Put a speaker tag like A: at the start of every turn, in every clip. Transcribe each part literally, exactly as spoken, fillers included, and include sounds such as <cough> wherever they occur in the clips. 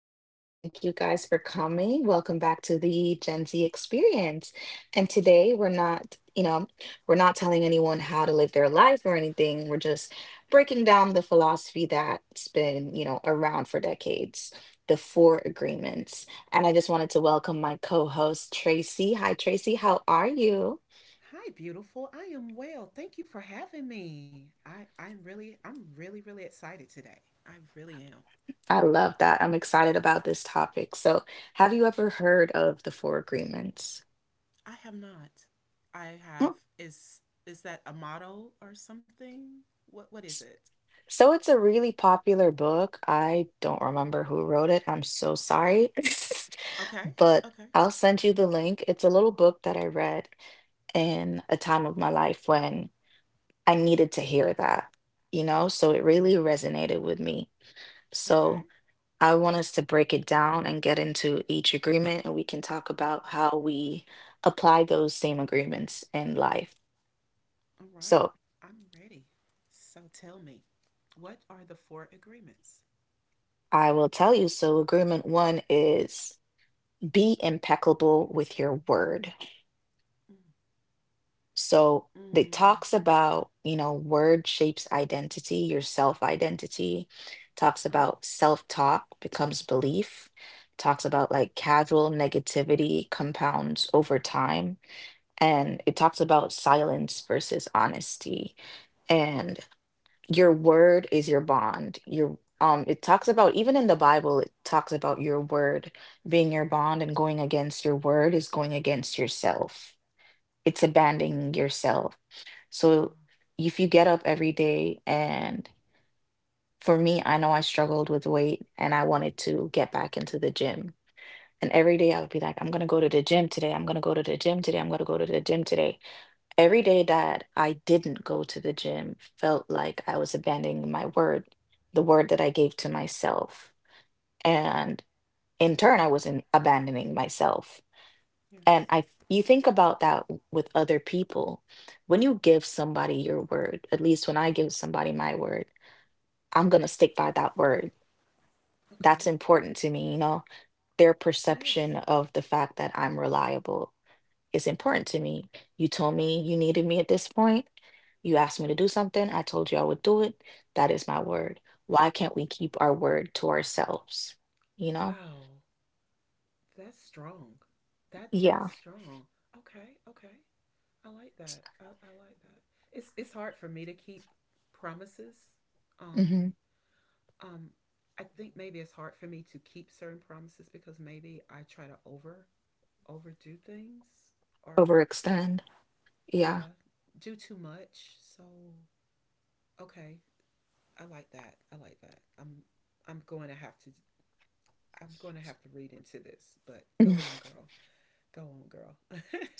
A: Thank you. Thank you guys for coming. Welcome back to the Gen Z experience. And today we're not, you know, we're not telling anyone how to live their life or anything. We're just breaking down the philosophy that's been, you know, around for decades, the four agreements. And I just wanted to welcome my co-host, Tracy. Hi, Tracy. How are you?
B: Hi, beautiful. I am well. Thank you for having me. I I'm really I'm really really excited today. I really am.
A: I love that. I'm excited about this topic. So, have you ever heard of The Four Agreements?
B: I have not. I
A: Mm.
B: have is is that a motto or something? What what is it?
A: So, it's a really popular book. I don't remember
B: Hmm.
A: who wrote it. I'm so sorry. <laughs>
B: Okay.
A: But
B: Okay.
A: I'll send you the link. It's a little book that I read in a time of my life when I needed to hear that, you know? So, it really
B: Oh,
A: resonated with me. So,
B: okay.
A: I want us to break it down and get into each agreement, and we can talk about how we apply those same agreements in life.
B: All
A: So
B: right. I'm ready. So tell me, what are the four agreements?
A: I will tell you. So, agreement one is be impeccable with your word.
B: Mm.
A: So, it talks
B: Mm.
A: about, you know, word shapes identity, your self identity, talks about
B: Oh,
A: self talk becomes belief, talks about like casual negativity compounds over time, and it talks about silence versus honesty, and your word is your bond, your um it talks about, even in the Bible, it talks about your word being your bond, and going against your word is going against yourself. It's abandoning yourself. So
B: wow.
A: if you get up every day, and for me, I know I struggled with weight and I wanted to get back into the gym, and every day I would be like, I'm going to go to the gym today, I'm going to go to the gym today, I'm going to go to the gym today. Every day that I didn't go to the gym felt like I was abandoning my word, the word that I gave to myself. And in turn, I was in abandoning myself. And
B: Yes.
A: I you think
B: Yes.
A: about that w- with other people. When you give somebody your word, at least when I give somebody my word, I'm gonna stick by that word. That's
B: Okay.
A: important to me, you know, their perception
B: Yes.
A: of the fact that I'm reliable. It's important to me. You told me you
B: Okay.
A: needed me at this point. You asked me to do something. I told you I would do it. That is my word. Why can't we keep our word to ourselves? You know?
B: Wow. That's strong. That
A: Yeah.
B: that's strong. Okay, okay. I like that. I, I like that. It's it's hard for me to keep promises.
A: Hmm.
B: Um um I think maybe it's hard for me to keep certain promises because maybe I try to over overdo things, or
A: Overextend. Yeah.
B: yeah, do too much. So okay, I like that. I like that. I'm I'm going to have to I'm going to have to read into this, but go
A: <laughs>
B: on, girl. Go on, girl.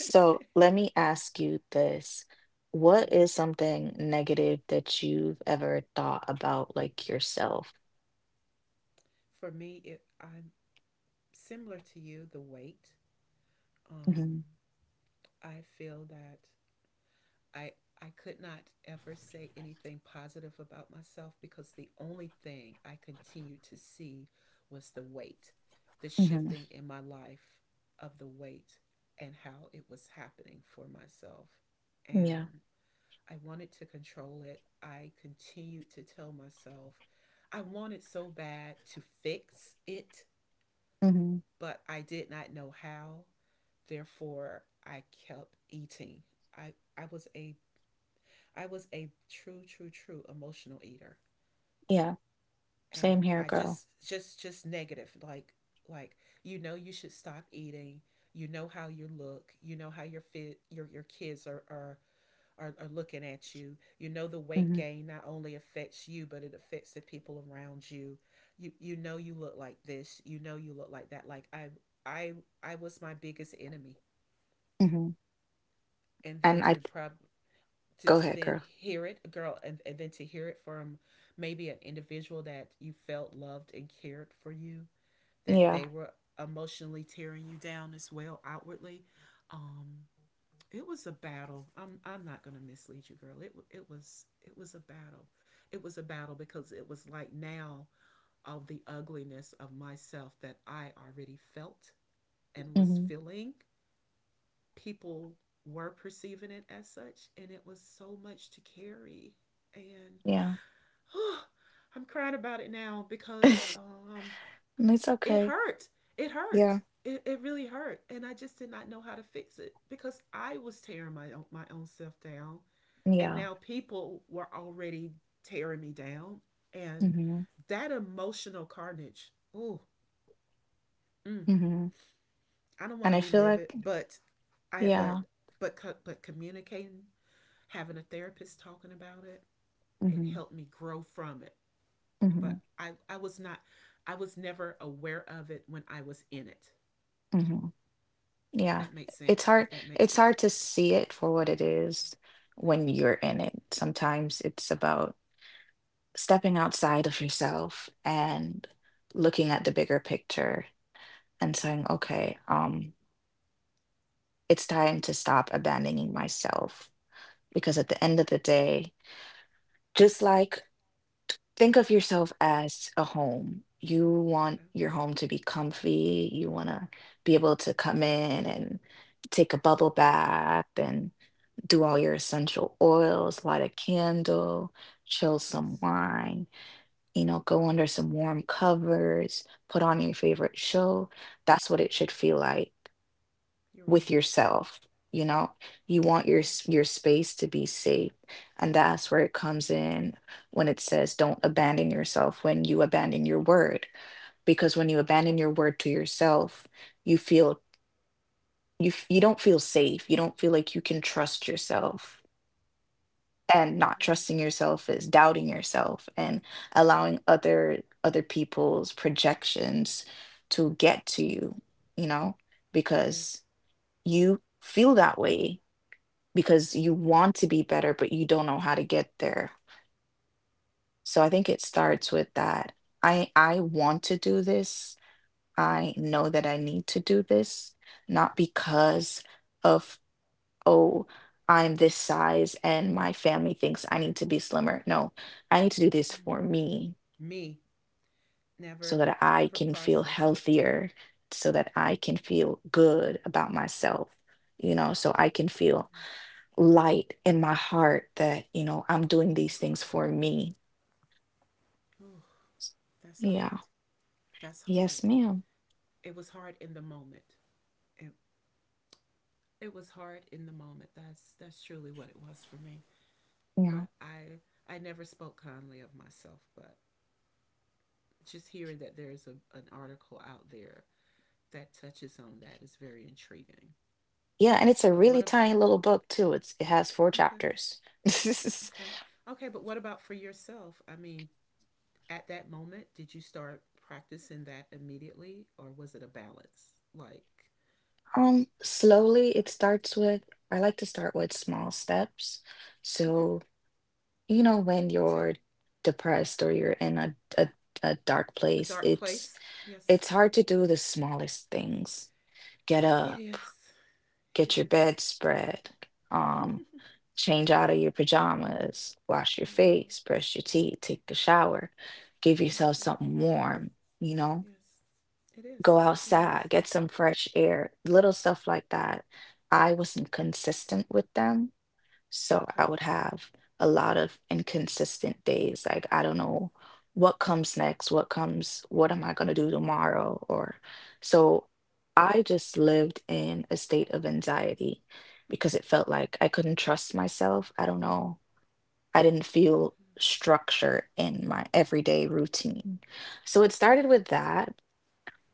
B: <laughs>
A: let me ask you this. What
B: mm.
A: is something negative that you've ever thought about, like yourself?
B: For me, it, I'm similar to you, the weight.
A: Hmm.
B: Um, I feel that I I could not ever say anything positive about myself because the only thing I continued to see was the weight, the
A: Hmm.
B: shifting in my life of the weight, and how it was happening for myself.
A: Yeah.
B: And I wanted to control it. I continued to tell myself I wanted so bad to fix it,
A: Hmm.
B: but I did not know how. Therefore, I kept eating. I I was a I was a true true true emotional eater,
A: Yeah. Same
B: and
A: here,
B: I
A: girl.
B: just just just negative. Like like you know you should stop eating. You know how you look. You know how your fit your your kids are, are are, are looking at you. You know the
A: Hmm.
B: weight gain not only affects you, but it affects the people around you. You you know you look like this. You know you look like that. Like I I I was my biggest enemy.
A: Hmm.
B: And
A: And I,
B: then to prob
A: go
B: to,
A: ahead,
B: to
A: girl.
B: then hear it, girl, and, and then to hear it from maybe an individual that you felt loved and cared for you,
A: Yeah.
B: that they were emotionally tearing you down as well outwardly. Um, it was a battle. I'm I'm not gonna mislead you, girl. It it was it was a battle. It was a battle because it was like now of the ugliness of myself that I already felt and
A: Hmm.
B: was feeling. People were perceiving it as such, and it was so much to carry. And
A: Yeah. <laughs>
B: oh, I'm crying about it now
A: And
B: because um,
A: it's
B: it
A: okay.
B: hurt. It
A: Yeah.
B: hurt. It, it really hurt, and I just did not know how to fix it because I was tearing my own, my own self down,
A: Yeah.
B: and now people were already tearing me down. And
A: Hmm.
B: that emotional carnage, oh, mm,
A: Hmm.
B: I don't
A: And I
B: want to
A: feel
B: relive
A: like,
B: it, but I,
A: yeah.
B: but, but, but communicating, having a therapist talking about it,
A: Hmm.
B: it helped me grow from it.
A: Hmm.
B: But I, I was not, I was never aware of it when I was in it.
A: Hmm. Yeah.
B: If that makes
A: It's
B: sense.
A: hard.
B: If that
A: It's
B: makes
A: hard
B: sense.
A: to see it for what it is when
B: Yeah.
A: you're in it. Sometimes it's about stepping outside of yourself and looking at the bigger picture and saying, okay, um, it's time to stop abandoning myself. Because at
B: Okay.
A: the end of the day, just like think of yourself as a home. You want
B: Okay.
A: your home to be comfy. You want to be able to come in and take a bubble bath and do all your essential oils, light a candle, chill some
B: Yes.
A: wine, you know, go under some warm covers, put on your favorite show. That's what it should feel like
B: You're
A: with
B: right.
A: yourself, you know you want your
B: You're right.
A: s- your space to be safe, and that's where it comes in when it says don't abandon yourself when you abandon your word, because when you abandon your word to yourself you feel, you f- you don't feel safe, you don't feel like you can trust yourself, and not
B: You're right.
A: trusting yourself is doubting yourself, and
B: Yeah.
A: allowing other other people's projections to get to you, you know, because
B: Yes.
A: you feel that way because you want to be better but you don't know how to get there. So I think it starts with that. I i want to do this. I
B: Yeah.
A: know that I need to do this, not because of, oh, I'm this size and my family thinks I need to be slimmer, no, I need to do this for
B: Mm.
A: me,
B: Me
A: so
B: Never,
A: that I
B: never
A: can feel
B: processed it.
A: healthier, so that I can feel good about myself, you know so I can feel light in my heart that, you know, I'm doing these
B: Ooh,
A: things for me.
B: ooh, that's
A: Yeah.
B: hard. That's
A: Yes,
B: hard.
A: ma'am.
B: It was hard in the moment. It, it was hard in the moment. That's that's truly what it was for me.
A: Yeah.
B: But I I never spoke kindly of myself. But just hearing that there's a, an article out there that touches on that is very intriguing.
A: Yeah, and it's a
B: But
A: really
B: what
A: tiny
B: about
A: little book too. It's it has four
B: Okay,
A: chapters. <laughs>
B: okay, okay? But what about for yourself? I mean, at that moment, did you start practicing that immediately, or was it a balance? Like,
A: Um, slowly it starts with, I like to start with small steps.
B: okay,
A: So, you know, when
B: me
A: you're
B: too.
A: depressed or you're in a a, a dark
B: A
A: place,
B: dark
A: it's
B: place.
A: it's
B: Yes,
A: hard to do the smallest things. Get
B: it
A: up,
B: is.
A: get
B: It
A: your
B: is.
A: bedspread, um,
B: <laughs>
A: change out of your
B: yeah,
A: pajamas, wash your face,
B: yeah.
A: brush your teeth, take a shower, give yourself
B: Absolutely.
A: something warm, you know,
B: Yes, it
A: go
B: is. It
A: outside,
B: is.
A: get some fresh air, little stuff like that. I wasn't consistent with them, so I
B: Okay.
A: would have a lot of inconsistent days. Like, I don't know what comes next, what comes, what am I going to do tomorrow? Or so I just lived in a state of anxiety because it felt like I couldn't trust myself. I don't know. I didn't
B: Okay.
A: feel structure in my everyday routine. So it started with
B: Okay.
A: that.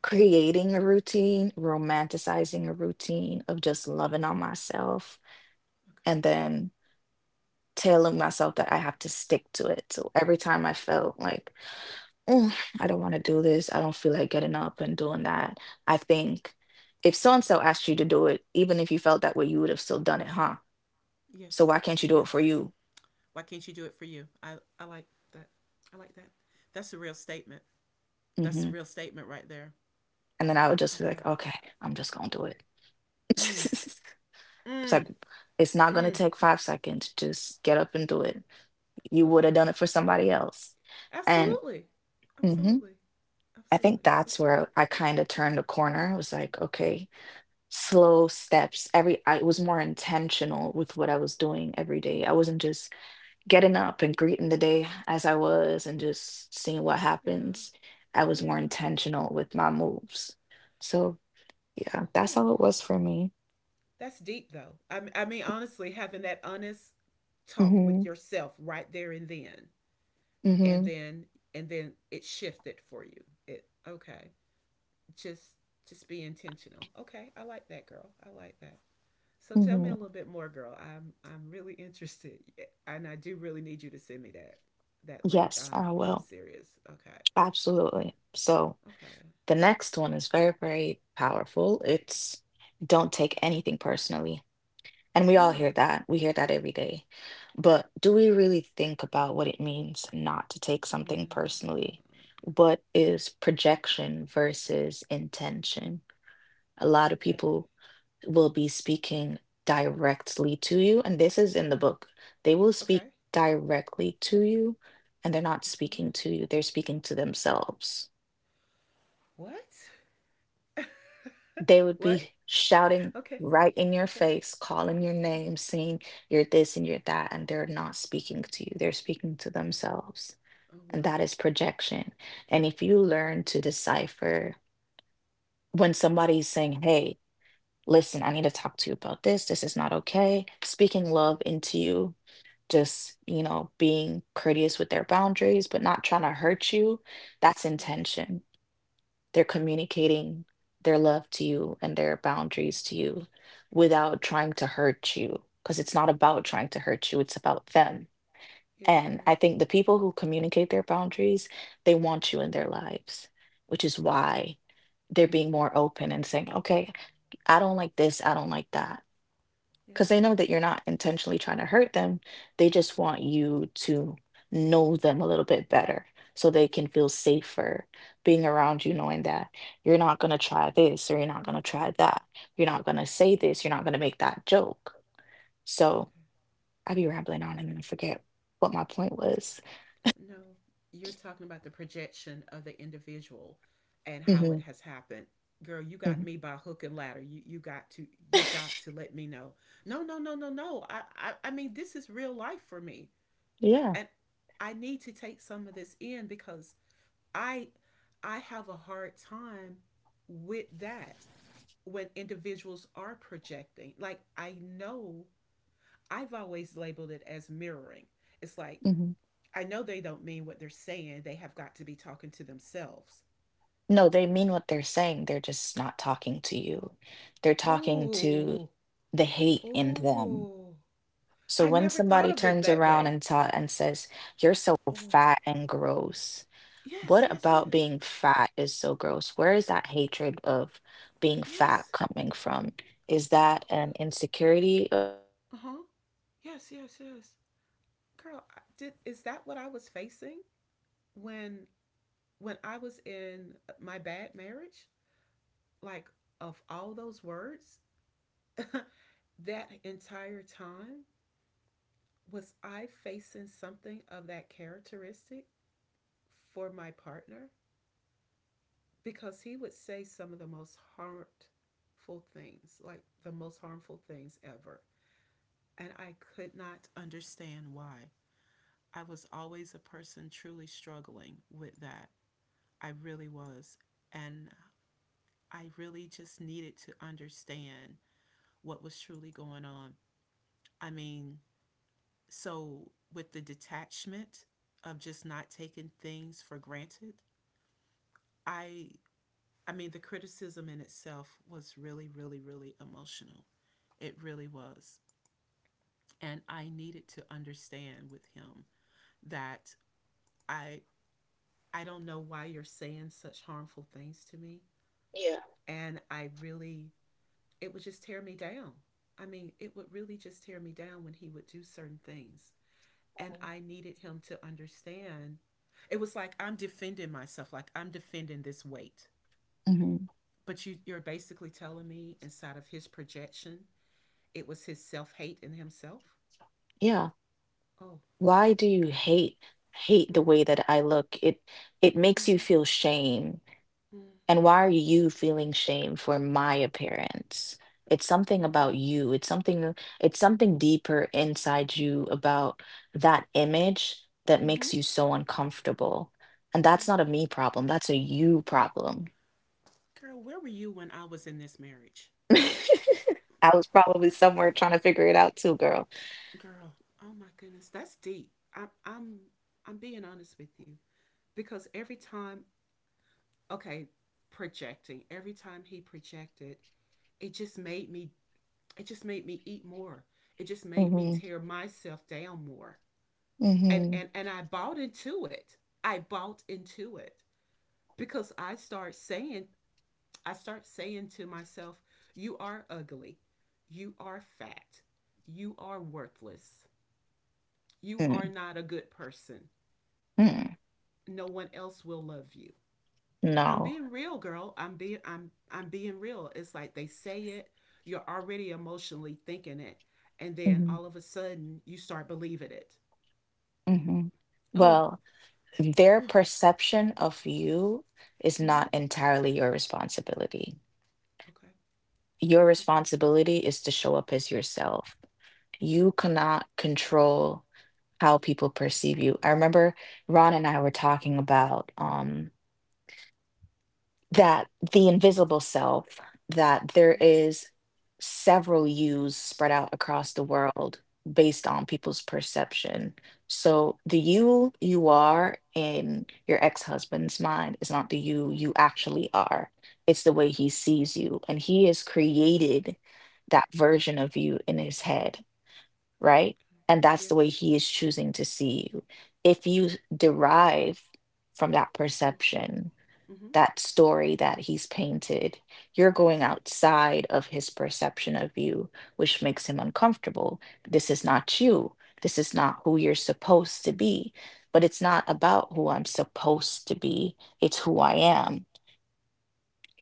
A: Creating a routine, romanticizing a routine of just loving on myself. And
B: Okay.
A: then telling myself that I have to stick to it. So every time I felt like, oh, I don't want to do this, I don't feel like getting up and doing that, I think if so and so asked you to do it, even if you felt that way, you would have still done it, huh? So
B: Yes.
A: why can't you do it for
B: Yes.
A: you?
B: Why can't you do it for you? I I like that. I like that. That's a real statement.
A: Hmm.
B: That's a real statement right there.
A: And then I would just be like,
B: Okay.
A: okay, I'm just going to do it. <laughs>
B: Mm.
A: It's like,
B: Mm.
A: it's not going to
B: Mm.
A: take five seconds. Just get up and do it. You would
B: Okay.
A: have done it for somebody else. And
B: Absolutely.
A: mhm,
B: Absolutely.
A: I think
B: Absolutely.
A: that's
B: Okay.
A: where I kind of turned a corner. I was like, okay, slow steps. Every I was more intentional with what I was doing every day. I wasn't just getting up and greeting the day as I was and just seeing what happens.
B: Yeah.
A: I was more
B: Yeah.
A: intentional with my moves. So yeah, that's
B: Oh.
A: how it was for me.
B: That's deep though. I I mean, honestly, having that honest talk
A: Mm-hmm.
B: with yourself right there and then,
A: Mm-hmm.
B: and then, and then it shifted for you. It — okay. Just, just be intentional. Okay, I like that, girl. I like that. So tell me a
A: Mm-hmm.
B: little bit more, girl. I'm, I'm really <laughs> interested. Yeah, and I do really need you to send me that, that link.
A: Yes, I
B: I'm, I'm
A: will,
B: serious. Okay,
A: absolutely. So
B: okay,
A: the next one is very very powerful. It's don't take
B: okay.
A: anything personally. And we all hear
B: Mm,
A: that. We hear that every day. But do we really think about what it means not to take something
B: no.
A: personally? What is projection versus intention? A lot of
B: Okay,
A: people will be speaking directly to you, and this is in the book. They will speak
B: okay.
A: directly to you, and they're not
B: Uh huh.
A: speaking to you, they're speaking to themselves.
B: What?
A: They would
B: <laughs>
A: be
B: What?
A: shouting
B: Okay.
A: right in your
B: Okay.
A: face, calling your name, saying you're this and you're that, and they're not speaking to you. They're speaking to themselves.
B: Oh
A: And that
B: wow.
A: is projection. And if you learn to decipher when somebody's saying, hey, listen, I need to talk to you about this, this is not okay, speaking love into you. Just, you know, being courteous with their boundaries, but not trying to hurt you, that's
B: Yes.
A: intention. They're communicating their love to you and their boundaries to you without trying to hurt you, because it's not about trying to hurt you, it's about them.
B: Yes, it
A: And I
B: is.
A: think the people who communicate their boundaries, they want you in their lives, which is why they're being more open and saying, okay, I don't like this, I don't like that, because they
B: Yes.
A: know that you're not intentionally trying to hurt them. They just want you to know them a little bit better so they can feel safer being around you, knowing that you're not going to try this or you're not going to try that. You're not going to say this. You're not going to make that joke. So
B: Okay.
A: I be rambling on and then I forget what my point was.
B: No, you're talking about the projection of the individual and how
A: Hmm.
B: it has happened. Girl, you
A: Hmm.
B: got me by hook and ladder. You you got to you
A: <laughs>
B: got to let me know. No, no, no, no, no. I I, I mean, this is real life for me.
A: Yeah.
B: And I need to take some of this in because I I have a hard time with that when individuals are projecting. Like, I know I've always labeled it as mirroring. It's like,
A: Hmm.
B: I know they don't mean what they're saying. They have got to be talking to themselves.
A: No, they mean what they're saying. They're just not talking to you. They're talking to
B: Ooh,
A: the hate in them.
B: ooh.
A: So
B: I
A: when
B: never
A: somebody
B: thought of it
A: turns
B: that
A: around
B: way.
A: and ta and says, "You're so
B: Oh,
A: fat and gross,"
B: yes,
A: what
B: yes,
A: about
B: yes,
A: being fat is so gross? Where is that hatred of being fat
B: yes.
A: coming from? Is that an
B: Okay.
A: insecurity?
B: Uh huh. Yes, yes, yes. Girl, did is that what I was facing when when I was in my bad marriage? Like, of all those words, <laughs> that entire time, was I facing something of that characteristic for my partner? Because he would say some of the most harmful things, like the most harmful things ever. And I could not understand why. I was always a person truly struggling with that. I really was. And I really just needed to understand what was truly going on. I mean, so with the detachment of just not taking things for granted, I I mean, the criticism in itself was really really really emotional. It really was. And I needed to understand with him that I I don't know why you're saying such harmful things to me,
A: Yeah.
B: and I really it would just tear me down. I mean, it would really just tear me down when he would do certain things.
A: I
B: And
A: mean,
B: I needed him to understand. It was like I'm defending myself, like I'm defending this weight.
A: Hmm.
B: But you, you're basically telling me inside of his projection it was his self hate in himself.
A: Yeah.
B: Oh.
A: Why do you hate hate the
B: Mm-hmm.
A: way that I look? It it makes you
B: Mm-hmm.
A: feel shame.
B: Mm-hmm.
A: And why are you feeling shame for my appearance? It's something about you. It's something it's something deeper inside you
B: Mm-hmm.
A: about that image that makes
B: Mm-hmm.
A: you so uncomfortable. And
B: Oh
A: that's not
B: my.
A: a me problem. That's a you problem.
B: Girl, where were you when I was in this marriage?
A: <laughs> I was probably somewhere trying to figure it out too, girl.
B: Girl, oh my goodness, that's deep. I, I'm I'm being honest with you because every time, okay, projecting. Every time he projected, it just made me. It just made me eat more. It just made me
A: Mm-hmm.
B: tear myself down more. And
A: Mm-hmm.
B: and and I bought into it. I bought into it because I started saying I start saying to myself, you are ugly. You are fat. You are worthless. You
A: Mm-hmm.
B: are not a good person.
A: Mm.
B: No one else will love you. I'm
A: No.
B: being real, girl. I'm being I'm I'm being real. It's like they say it, you're already emotionally thinking it, and then
A: Mhm.
B: all of a sudden you start believing it.
A: Mhm.
B: Oh,
A: Well, their
B: oh.
A: perception of you is
B: Mm-hmm.
A: not entirely your responsibility.
B: Okay,
A: Your
B: okay,
A: responsibility is to show up as yourself. You cannot control how people perceive you. I remember Ron and I were talking about um. that the invisible self, that there
B: mm-hmm.
A: is several yous spread out across the world based on people's perception. So the you you are in your ex-husband's mind is not the you
B: Mm-hmm.
A: you actually are. It's the way he sees you. And he has created that version of you in his head, right?
B: Okay.
A: And that's the way
B: Yes,
A: he is choosing to see you. If you derive from that perception,
B: mm-hmm. Mm-hmm.
A: that story that he's painted. You're going
B: Yes,
A: outside of his perception of you, which makes him uncomfortable. This is not you. This is not who you're supposed to be. But it's not about who I'm supposed to be, it's who I
B: mm-hmm.
A: am.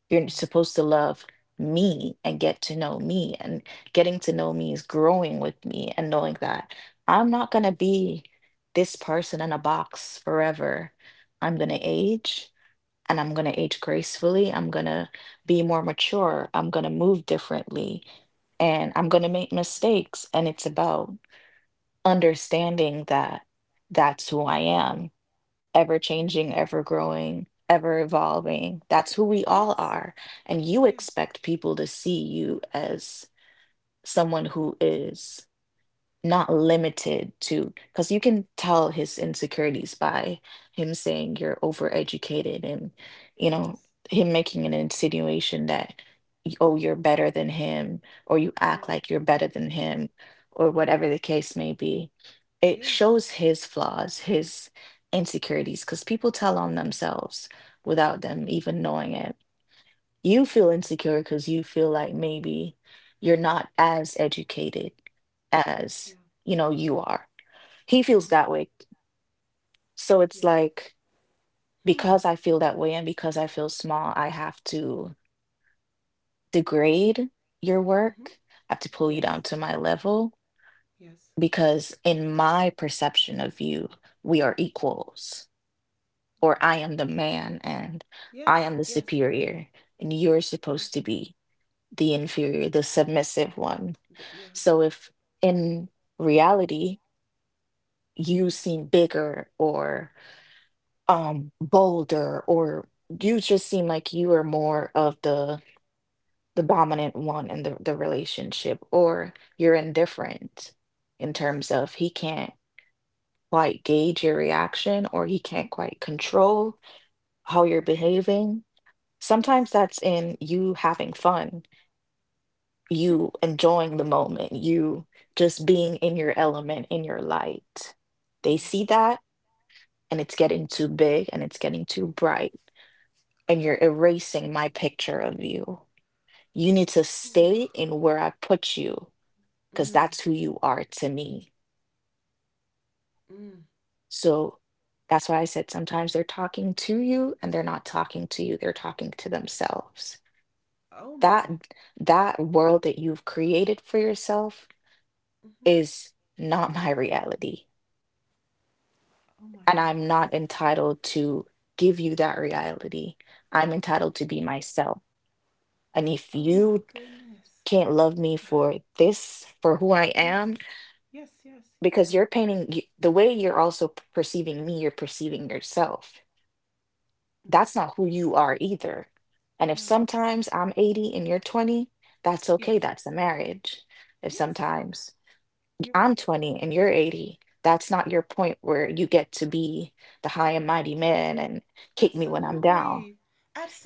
A: You're
B: Wow,
A: supposed to love me and get to know me. And getting to know me is growing with me and knowing that I'm not going to be this person in a box forever. I'm going
B: yeah,
A: to age and I'm going to age gracefully. I'm going to be more mature. I'm going to move differently and I'm going to
B: yes,
A: make mistakes. And it's about understanding that that's who I
B: yes.
A: am, ever
B: Yes.
A: changing, ever growing, ever evolving. That's who we all
B: Yes.
A: are. And you
B: Yes.
A: expect people to see you as someone who is not limited to because you can tell his insecurities by him saying you're overeducated and you know
B: Yes.
A: him making an insinuation that y- oh you're better than him or you act
B: Yeah.
A: like you're better than him or
B: Yeah.
A: whatever the case may be. It
B: Yes.
A: shows his flaws, his insecurities, because people tell on themselves without them
B: Okay.
A: even knowing it. You feel
B: Wow.
A: insecure because you feel like maybe you're not as educated
B: Yeah.
A: as, you know, you are. He feels
B: Yeah.
A: that way. So it's
B: Yeah.
A: like
B: Hmm.
A: because I feel that way and because I feel small, I have to degrade your
B: Mhm.
A: work. I have to pull you
B: Yes.
A: down to my level
B: Yes.
A: because in my perception of you, we are equals, or I
B: Wow.
A: am the man and I
B: Yes.
A: am the
B: Yes.
A: superior, and you're supposed
B: Yes.
A: to be the inferior, the submissive one.
B: Th- yeah.
A: So if in reality you
B: Hmm.
A: seem bigger or um bolder or you just seem like you are more of the the dominant one in the, the relationship, or you're indifferent in
B: Yes.
A: terms of he can't quite gauge your reaction or he can't quite control how you're
B: Yeah.
A: behaving. Sometimes
B: Yes.
A: that's in you having fun, you
B: <laughs>
A: enjoying the moment, you just being in your
B: Hmm.
A: element, in your light. They see
B: Yes.
A: that and it's getting too big and it's getting too bright, and you're
B: Okay.
A: erasing my picture of you. You need to
B: <sighs> Whew.
A: stay in where I put you because
B: Mm.
A: that's who you are to me.
B: Mm.
A: So that's why I said sometimes they're talking to you and they're not talking to you, they're talking to themselves.
B: Oh
A: That
B: my.
A: that world that you've created for yourself
B: Mhm.
A: is not my reality,
B: Oh my
A: and I'm
B: goodness.
A: not entitled to give you that reality. I'm entitled to be myself. And if
B: Oh my
A: you
B: goodness.
A: can't love me for this, for who I
B: Yes.
A: am,
B: Yes. Yes. Yes.
A: because you're painting y- the way you're also p- perceiving me, you're perceiving yourself.
B: Mm.
A: That's not who you are either. And if
B: No, it's
A: sometimes
B: not.
A: I'm eighty and you're twenty, that's
B: Yes.
A: okay. That's the marriage. If
B: Yes,
A: sometimes
B: you're
A: I'm
B: right.
A: twenty and you're eighty, that's not your point where you get to be the high and mighty man and kick me when I'm down.
B: Absolutely.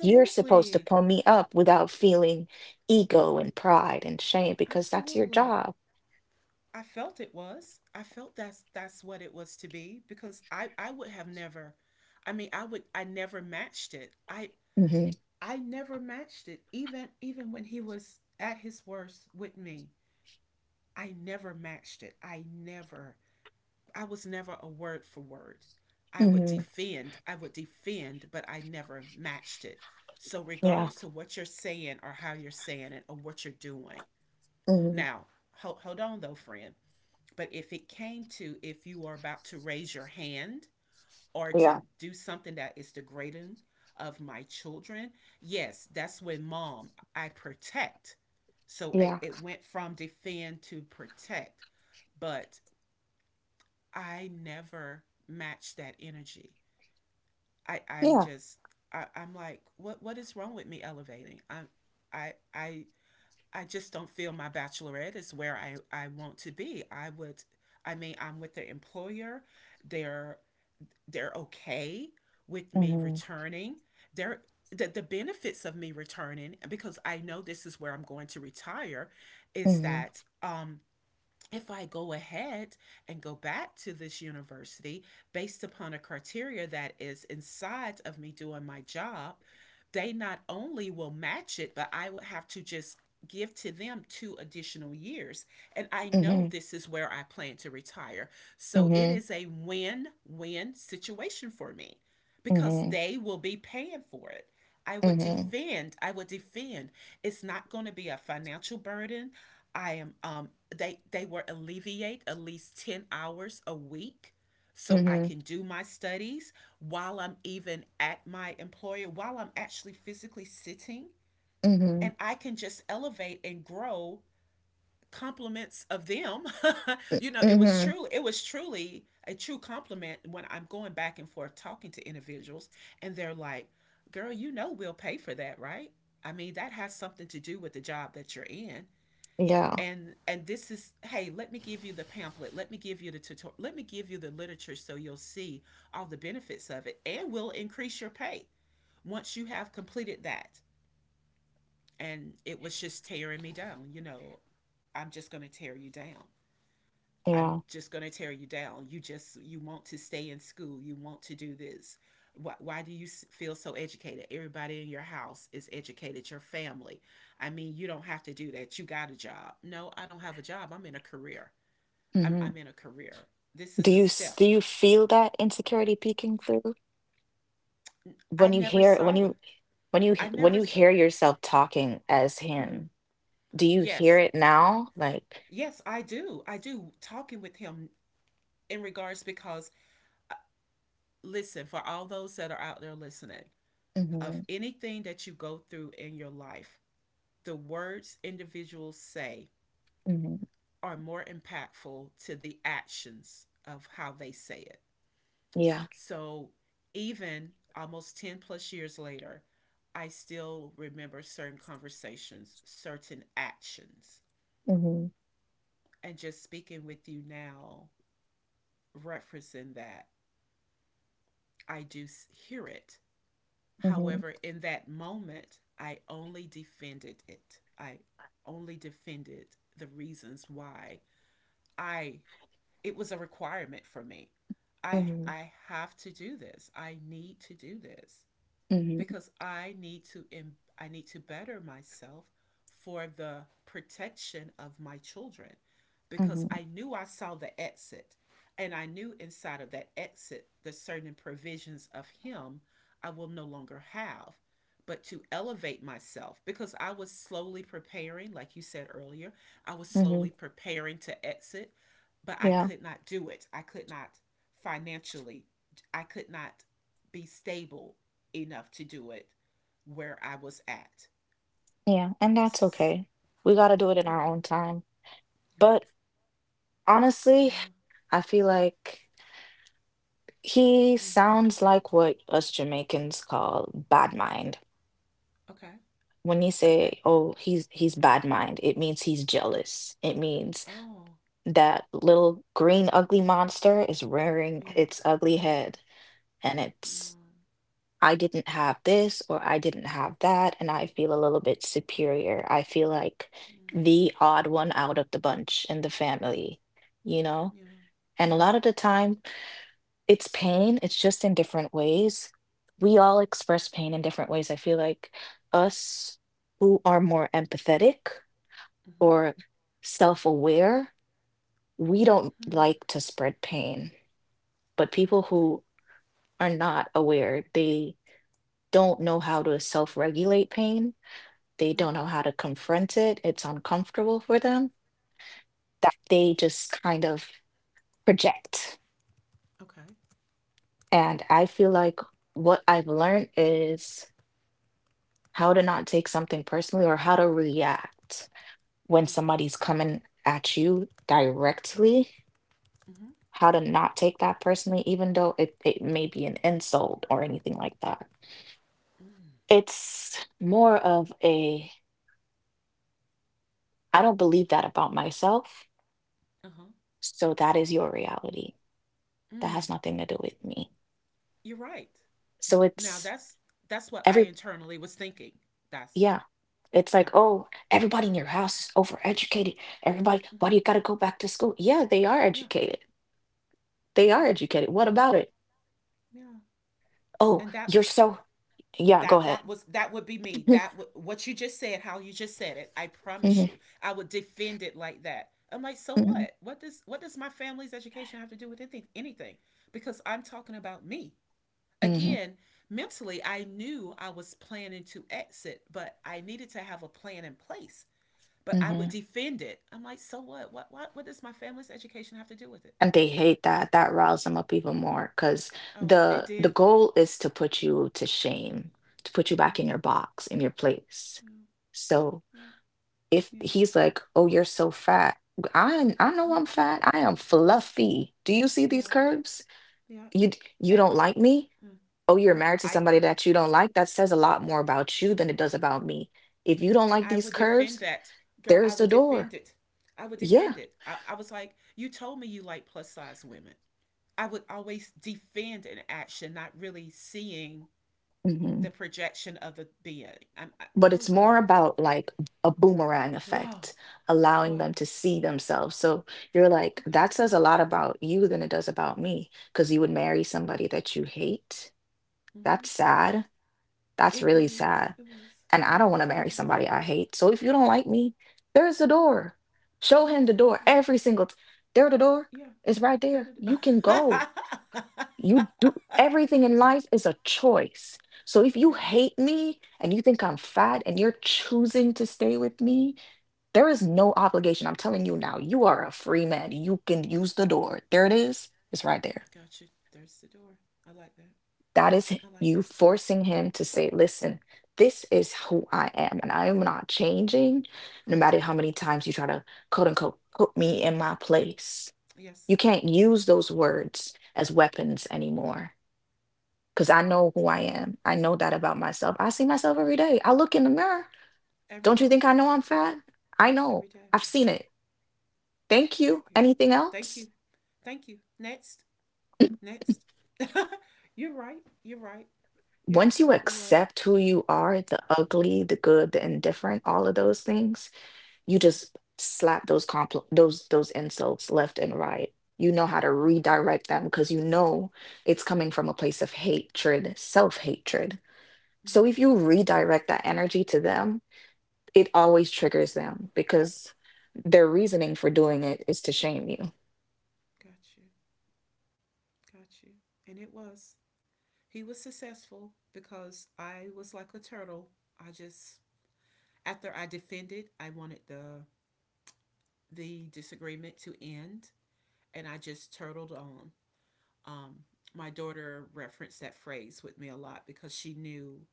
A: You're supposed to pull me up without feeling ego and pride and shame because that's your
B: Absolutely.
A: job.
B: I felt it was. I felt that's that's what it was to be because I I would have never, I mean I would I never matched it. I
A: Hmm
B: I never matched it even even when he was at his worst with me. I never matched it. I never I was never a word for word. I would
A: hmm
B: defend, I would defend, but I never matched it. So,
A: Yeah.
B: regardless to what you're saying or how you're saying it or what you're doing,
A: hmm
B: now hold, hold on though, friend. But if it came to, if you are about to raise your hand or to
A: Yeah.
B: do something that is degrading of my children, yes, that's when mom, I protect. So I,
A: Yeah.
B: it went from defend to protect. But I never match that energy. I, I'm
A: Yeah.
B: just I, I'm like, what what is wrong with me elevating? I'm I I I just don't feel my bachelorette is where I, I want to be. I would I mean, I'm with the employer. They're they're okay with me
A: hmm
B: returning. They're the, the benefits of me returning, because I know this is where I'm going to retire, is
A: hmm
B: that um if I go ahead and go back to this university based upon a criteria that is inside of me doing my job, they not only will match it, but I would have to just give to them two additional years. And I know
A: hmm
B: this is where I plan to retire. So it
A: hmm
B: is a win win situation for me because
A: hmm
B: they will be paying for it. I would
A: hmm
B: defend, I would defend. It's not going to be a financial burden. I am um they they were alleviate at least ten hours a week so I
A: hmm
B: can do my studies while I'm even at my employer, while I'm actually physically sitting,
A: hmm
B: and I can just elevate and grow compliments of them. <laughs> you know it was
A: hmm
B: truly it was truly a true compliment when I'm going back and forth talking to individuals, and they're like, "Girl, you know, we'll pay for that, right? I mean, that has something to do with the job that you're in,
A: Yeah.
B: and and this is, hey, let me give you the pamphlet, let me give you the tutorial, let me give you the literature so you'll see all the benefits of it, and we'll increase your pay once you have completed that." And it was just tearing me down you know "I'm just going to tear you down. I'm
A: Yeah.
B: just going to tear you down. You just you want to stay in school. You want to do this. Why, why do you feel so educated? Everybody in your house is educated, your family. I mean, you don't have to do that. You got a job." "No, I don't have a job. I'm in a career. I'm,
A: hmm
B: I'm in a career. This
A: Do
B: is a
A: you s-
B: step."
A: do you feel that insecurity peeking through
B: I
A: when you
B: never
A: hear when
B: saw it.
A: you when you
B: I
A: h- when
B: never
A: you
B: saw.
A: hear yourself talking as
B: Mm-hmm.
A: him? Do you hear
B: Yes,
A: it now? Like,
B: yes, I do. I do. Talking with him in regards because, uh, listen, for all those that are out there listening,
A: hmm
B: of anything that you go through in your life, the words individuals say
A: hmm
B: are more impactful to the actions of how they say it.
A: Yeah.
B: So even almost ten plus years later, I still remember certain conversations, certain actions.
A: Mhm,
B: And just speaking with you now, referencing that, I do hear it.
A: mhm,
B: However, in that moment, I only defended it. I only defended the reasons why I it was a requirement for me. I
A: mhm,
B: I have to do this. I need to do this.
A: mhm,
B: Because I need to im- I need to better myself for the protection of my children, because
A: mhm,
B: I knew, I saw the exit, and I knew inside of that exit the certain provisions of him I will no longer have, but to elevate myself, because I was slowly preparing, like you said earlier, I was slowly
A: mhm.
B: preparing to exit, but I
A: Yeah,
B: could not do it. I could not financially. I could not be stable enough to do it where I was at.
A: yeah, and that's okay. We got to do it in our
B: Okay.
A: own time.
B: Yeah.
A: But honestly,
B: Wow.
A: I feel like he
B: Mm.
A: sounds like what us Jamaicans call bad mind.
B: Okay.
A: When you
B: Okay.
A: say, "Oh, he's he's bad mind," it means he's jealous. It means
B: Oh.
A: that little green ugly monster is rearing
B: Yeah.
A: its ugly head, and it's
B: Yeah.
A: I didn't have this or I didn't have that, and I feel a little bit superior. I feel like
B: Mm.
A: the odd one out of the bunch in the family, you know?
B: Yeah.
A: And a
B: Yeah.
A: lot of the time, it's pain, it's just in different ways. We all express pain in different ways. I feel like us who are more empathetic
B: Mm-hmm.
A: or self aware, we don't
B: Mm-hmm.
A: like to spread pain. But
B: I
A: people
B: agree.
A: who are not aware, they don't know how to self regulate pain. They
B: Mm-hmm.
A: don't know how to confront it, it's uncomfortable for them, that they just kind of project.
B: Okay.
A: And I feel like what I've learned is how to not take something personally or how to react when
B: You're right.
A: somebody's coming at you directly,
B: Mm-hmm.
A: how to not take that personally, even though it, it may be an insult or anything like that.
B: Mm.
A: It's more of a, I don't believe that about myself.
B: Uh-huh.
A: So that is your reality. That
B: Mm.
A: has nothing to do with me.
B: You're right.
A: So
B: Now
A: it's
B: that's that's what I
A: every,
B: internally was thinking. That's.
A: yeah. It's
B: Yeah.
A: like, oh, everybody in your house is overeducated. Everybody,
B: Mm-hmm.
A: why do you got to go back to school? Yeah, they are
B: Yeah.
A: educated. They
B: Yeah.
A: are educated. What about it?
B: Yeah.
A: Oh,
B: And that
A: you're
B: was
A: so, yeah,
B: that
A: go
B: that
A: ahead.
B: was that would be me that
A: <laughs>
B: w- what you just said, how you just said it, I promise you,
A: hmm
B: I would defend it like that. I'm like, "So
A: hmm
B: what what does what does my family's education have to do with anything anything Because I'm talking about me,
A: hmm
B: again, mentally, I knew I was planning to exit, but I needed to have a plan in place. But I would
A: hmm
B: defend it. I'm like, "So what what what, what does my family's education have to do with it?"
A: And they hate that. That riles them up even more because
B: Oh, it
A: the the
B: did.
A: goal is to put you to shame, to put you
B: Yeah.
A: back in your box, in your place.
B: Yeah.
A: So
B: Yeah.
A: if
B: Yeah.
A: he's like, "Oh, you're so fat." I I know I'm
B: Mm-hmm.
A: fat. I am fluffy. Do you see these
B: Yeah.
A: curves?
B: Yeah.
A: You d- you
B: And
A: don't like me?
B: yeah.
A: Oh, you're
B: Yeah,
A: married to
B: I
A: somebody that you don't like? That says a lot more about you than it does about me. If you don't
B: and
A: like
B: I
A: these
B: would defend
A: curves,
B: that, girl. I
A: there's the
B: would
A: door.
B: defend it. I would
A: Yeah.
B: defend it. I, I was like, "You told me you like plus size women." I would always defend an action, not really seeing
A: hmm
B: the projection of the being. I'm, I,
A: But it's
B: oh,
A: more
B: girl.
A: about like a boomerang
B: Wow.
A: effect, allowing them
B: Wow.
A: to see themselves. So you're like, that
B: Okay.
A: says a lot about you than it does about me, because you would marry somebody that you hate.
B: Mm-hmm.
A: That's sad. That's
B: It
A: really
B: is,
A: sad.
B: it was,
A: And
B: it
A: I don't
B: was,
A: want to marry
B: it
A: somebody I hate. So if you don't like me, there's the door.
B: was
A: Show him the door
B: absolutely,
A: every single t- there the door
B: yeah.
A: is right
B: <laughs> That
A: there. You can go.
B: it.
A: You do everything in life is a choice. So if you
B: You're right.
A: hate me and you think I'm fat and you're choosing to stay with me, there is no obligation. I'm telling you now, you are a free man. You can use the door. There it is. It's right there.
B: Gotcha. There's the door. I like that.
A: That is
B: I like
A: you
B: that.
A: forcing him to say, listen, this is who I am, and I am not changing, no matter how many times you try to quote unquote put me in my place. You
B: Yes.
A: can't use those words as weapons anymore because I
B: Hmm.
A: know who I am. I know that about myself. I see myself every day. I look in the mirror.
B: Every
A: Don't you think
B: day,
A: I know I'm fat? I know.
B: every day.
A: I've seen it. Thank you.
B: Yeah.
A: Anything
B: Thank
A: else?
B: you. Thank you. Next. Next. <laughs> You're right. You're right. You're
A: Once you
B: absolutely right.
A: accept who you are, the ugly, the good, the indifferent, all of those things, you
B: Yeah.
A: just slap those compl- those those insults left and right. You know how to
B: Okay.
A: redirect them because you know it's coming from a place of hatred, self-hatred. So if
B: Yes.
A: you redirect that energy to them, it always triggers them because their reasoning for doing it is to shame you.
B: Got you. Got you. And it was. He was successful because I was like a turtle. I just, after I defended, I wanted the the disagreement to end, and I just turtled on. Um my daughter referenced that phrase with me a lot because she knew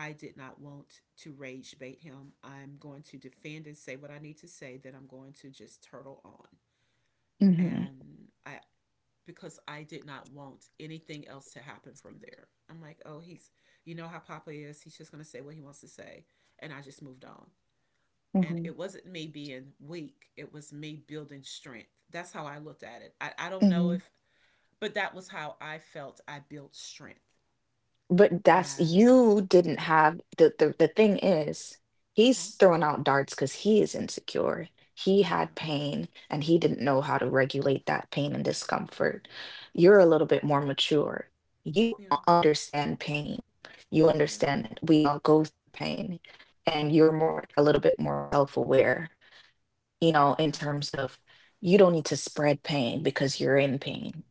B: I did not want to rage bait him. "I'm going to defend and say what I need to say, then I'm going to just turtle on."
A: Hmm
B: And I because I did not want anything else to happen from there. I'm like, "Oh, he's you know how papa is. He's just going to say what he wants to say." And I just moved on. And
A: hmm
B: it wasn't me being weak. It was me building strength. That's how I looked at it. I, I don't know
A: hmm
B: if, but that was how I felt I built strength.
A: But that's
B: And,
A: you didn't have the the the thing is,
B: uh
A: he's
B: huh.
A: throwing out darts because he is insecure. He had
B: Yeah.
A: pain and he didn't know how to regulate that pain and discomfort. You're a
B: Yes.
A: little bit more mature. You
B: Yeah.
A: u- understand pain. You
B: Yeah.
A: understand that we all go through pain and you're
B: Yeah.
A: more a little bit more self-aware, you know, in
B: Yeah.
A: terms of you don't need to spread pain because you're in pain.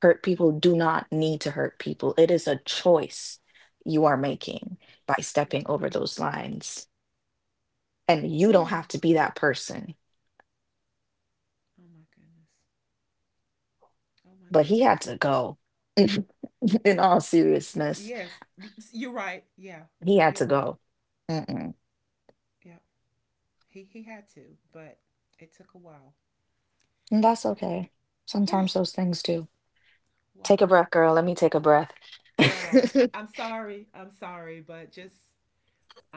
A: Hurt people
B: No,
A: do not need to hurt people. It is a choice you are
B: you're right.
A: making by
B: You're
A: stepping
B: right.
A: over
B: <sighs>
A: those lines. And you don't
B: Oh,
A: have to be that person.
B: oh my goodness. Oh my
A: But he had
B: goodness.
A: to go. <laughs> In all seriousness,
B: Yes, you're right. Yeah,
A: he had to
B: you're right.
A: go. Mm-mm.
B: Yeah, he he had to, but it took a while. <sighs>
A: And that's okay. Sometimes
B: Oh,
A: those things do. Take a
B: wow,
A: breath, girl. Let me take a breath.
B: girl.
A: <laughs>
B: I'm sorry. I'm sorry, but just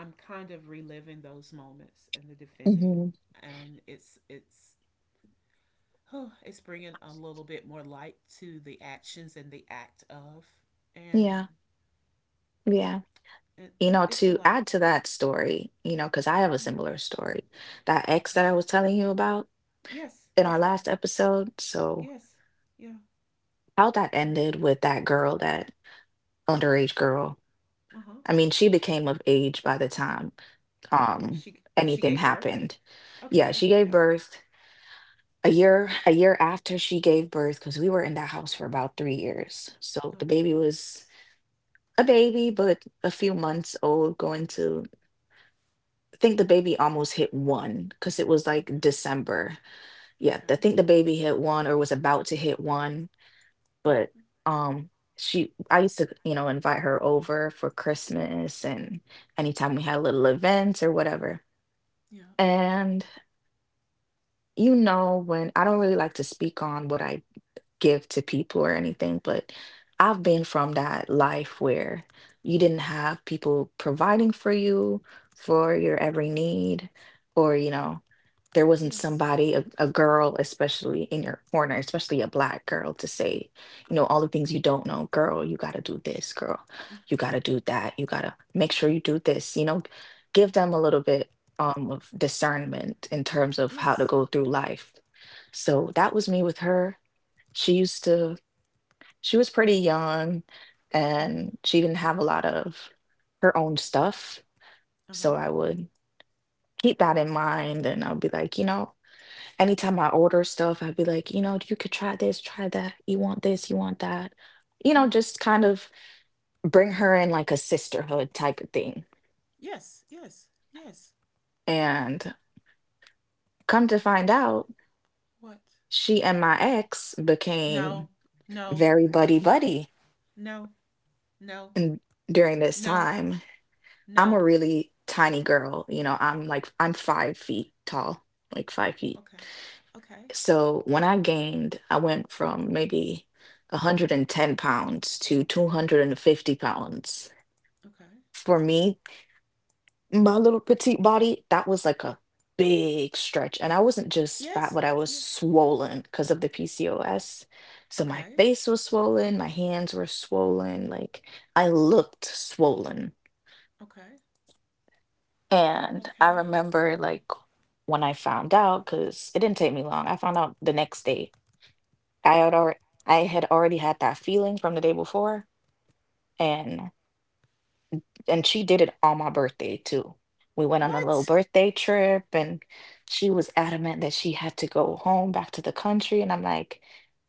B: I'm kind of reliving those moments and the defending,
A: hmm
B: and it's it's. <sighs> Oh, it's bringing a little bit more light to the actions and the act of,
A: Yeah,
B: and
A: yeah.
B: it,
A: You know,
B: it's a
A: to add
B: lot.
A: to that story, you know, because I have a
B: Yeah.
A: similar story. That ex that I
B: Okay.
A: was telling you about.
B: Yes,
A: In our
B: yes,
A: last
B: girl.
A: episode. So
B: Yes, yeah,
A: how that
B: yes.
A: ended with that girl, that underage girl.
B: Uh huh.
A: I mean, she became of age by the time
B: Yeah,
A: um
B: she she
A: anything
B: gave birth.
A: happened. Yeah, she
B: Okay,
A: gave
B: yeah.
A: birth a year a year after she gave birth because we were in that house for about three years. So
B: Oh,
A: the baby
B: wow.
A: was a baby, but a few months old, going to I think the baby almost hit one because it was like
B: Okay,
A: December. Yeah, I
B: okay.
A: think the baby hit one or was about to hit one, but
B: Mhm.
A: um she... I used to, you know, invite her over for Christmas and anytime we had little events or whatever.
B: Yeah.
A: And you know, when... I don't really like to speak on what I give to people or anything, but I've been from that life where you didn't have people providing for you for your every need, or, you know, there wasn't
B: Yes.
A: somebody, a, a girl, especially in your corner, especially a black girl, to say, you know, all the things you don't know. Girl, you got to do this. Girl, you got to do that. You got to make sure you do this. You know, give them a little bit um, of discernment in terms of how to
B: Yes.
A: go through life. So that was me with her. She used to... she was pretty young,
B: Uh huh.
A: and she didn't have a lot of her own stuff,
B: Uh
A: so
B: huh.
A: I would keep that in mind, and I'll be like, you know, anytime I order stuff, I'd be like, "You know, you could try this, try that. You want this, you want that." You know,
B: Uh huh.
A: just kind of bring her in like a sisterhood type of thing,
B: Yes. Yes. Yes.
A: and come to find out,
B: What?
A: she and my ex became
B: No. No.
A: very buddy-buddy
B: No. No.
A: in... during this
B: No.
A: time. I'm a
B: No.
A: really tiny girl. You know, I'm like, I'm five feet tall, like five feet.
B: Okay. Okay.
A: So when I gained, I went from maybe one hundred ten pounds to two hundred fifty pounds.
B: Okay.
A: For me, my little petite body, that was like a big stretch. And I wasn't just fat,
B: Yes.
A: but I was
B: Yes.
A: swollen because of the P C O S. So my
B: Okay.
A: face was swollen, my hands were swollen, like I looked swollen.
B: Okay.
A: And I
B: Okay.
A: remember like when I found out, because it didn't take me long. I found out the next day. I had already I had already had that feeling from the day before. And and she did it on my birthday too. We went on a little
B: What?
A: birthday trip, and she was adamant that she had to go home back to the country. And I'm like,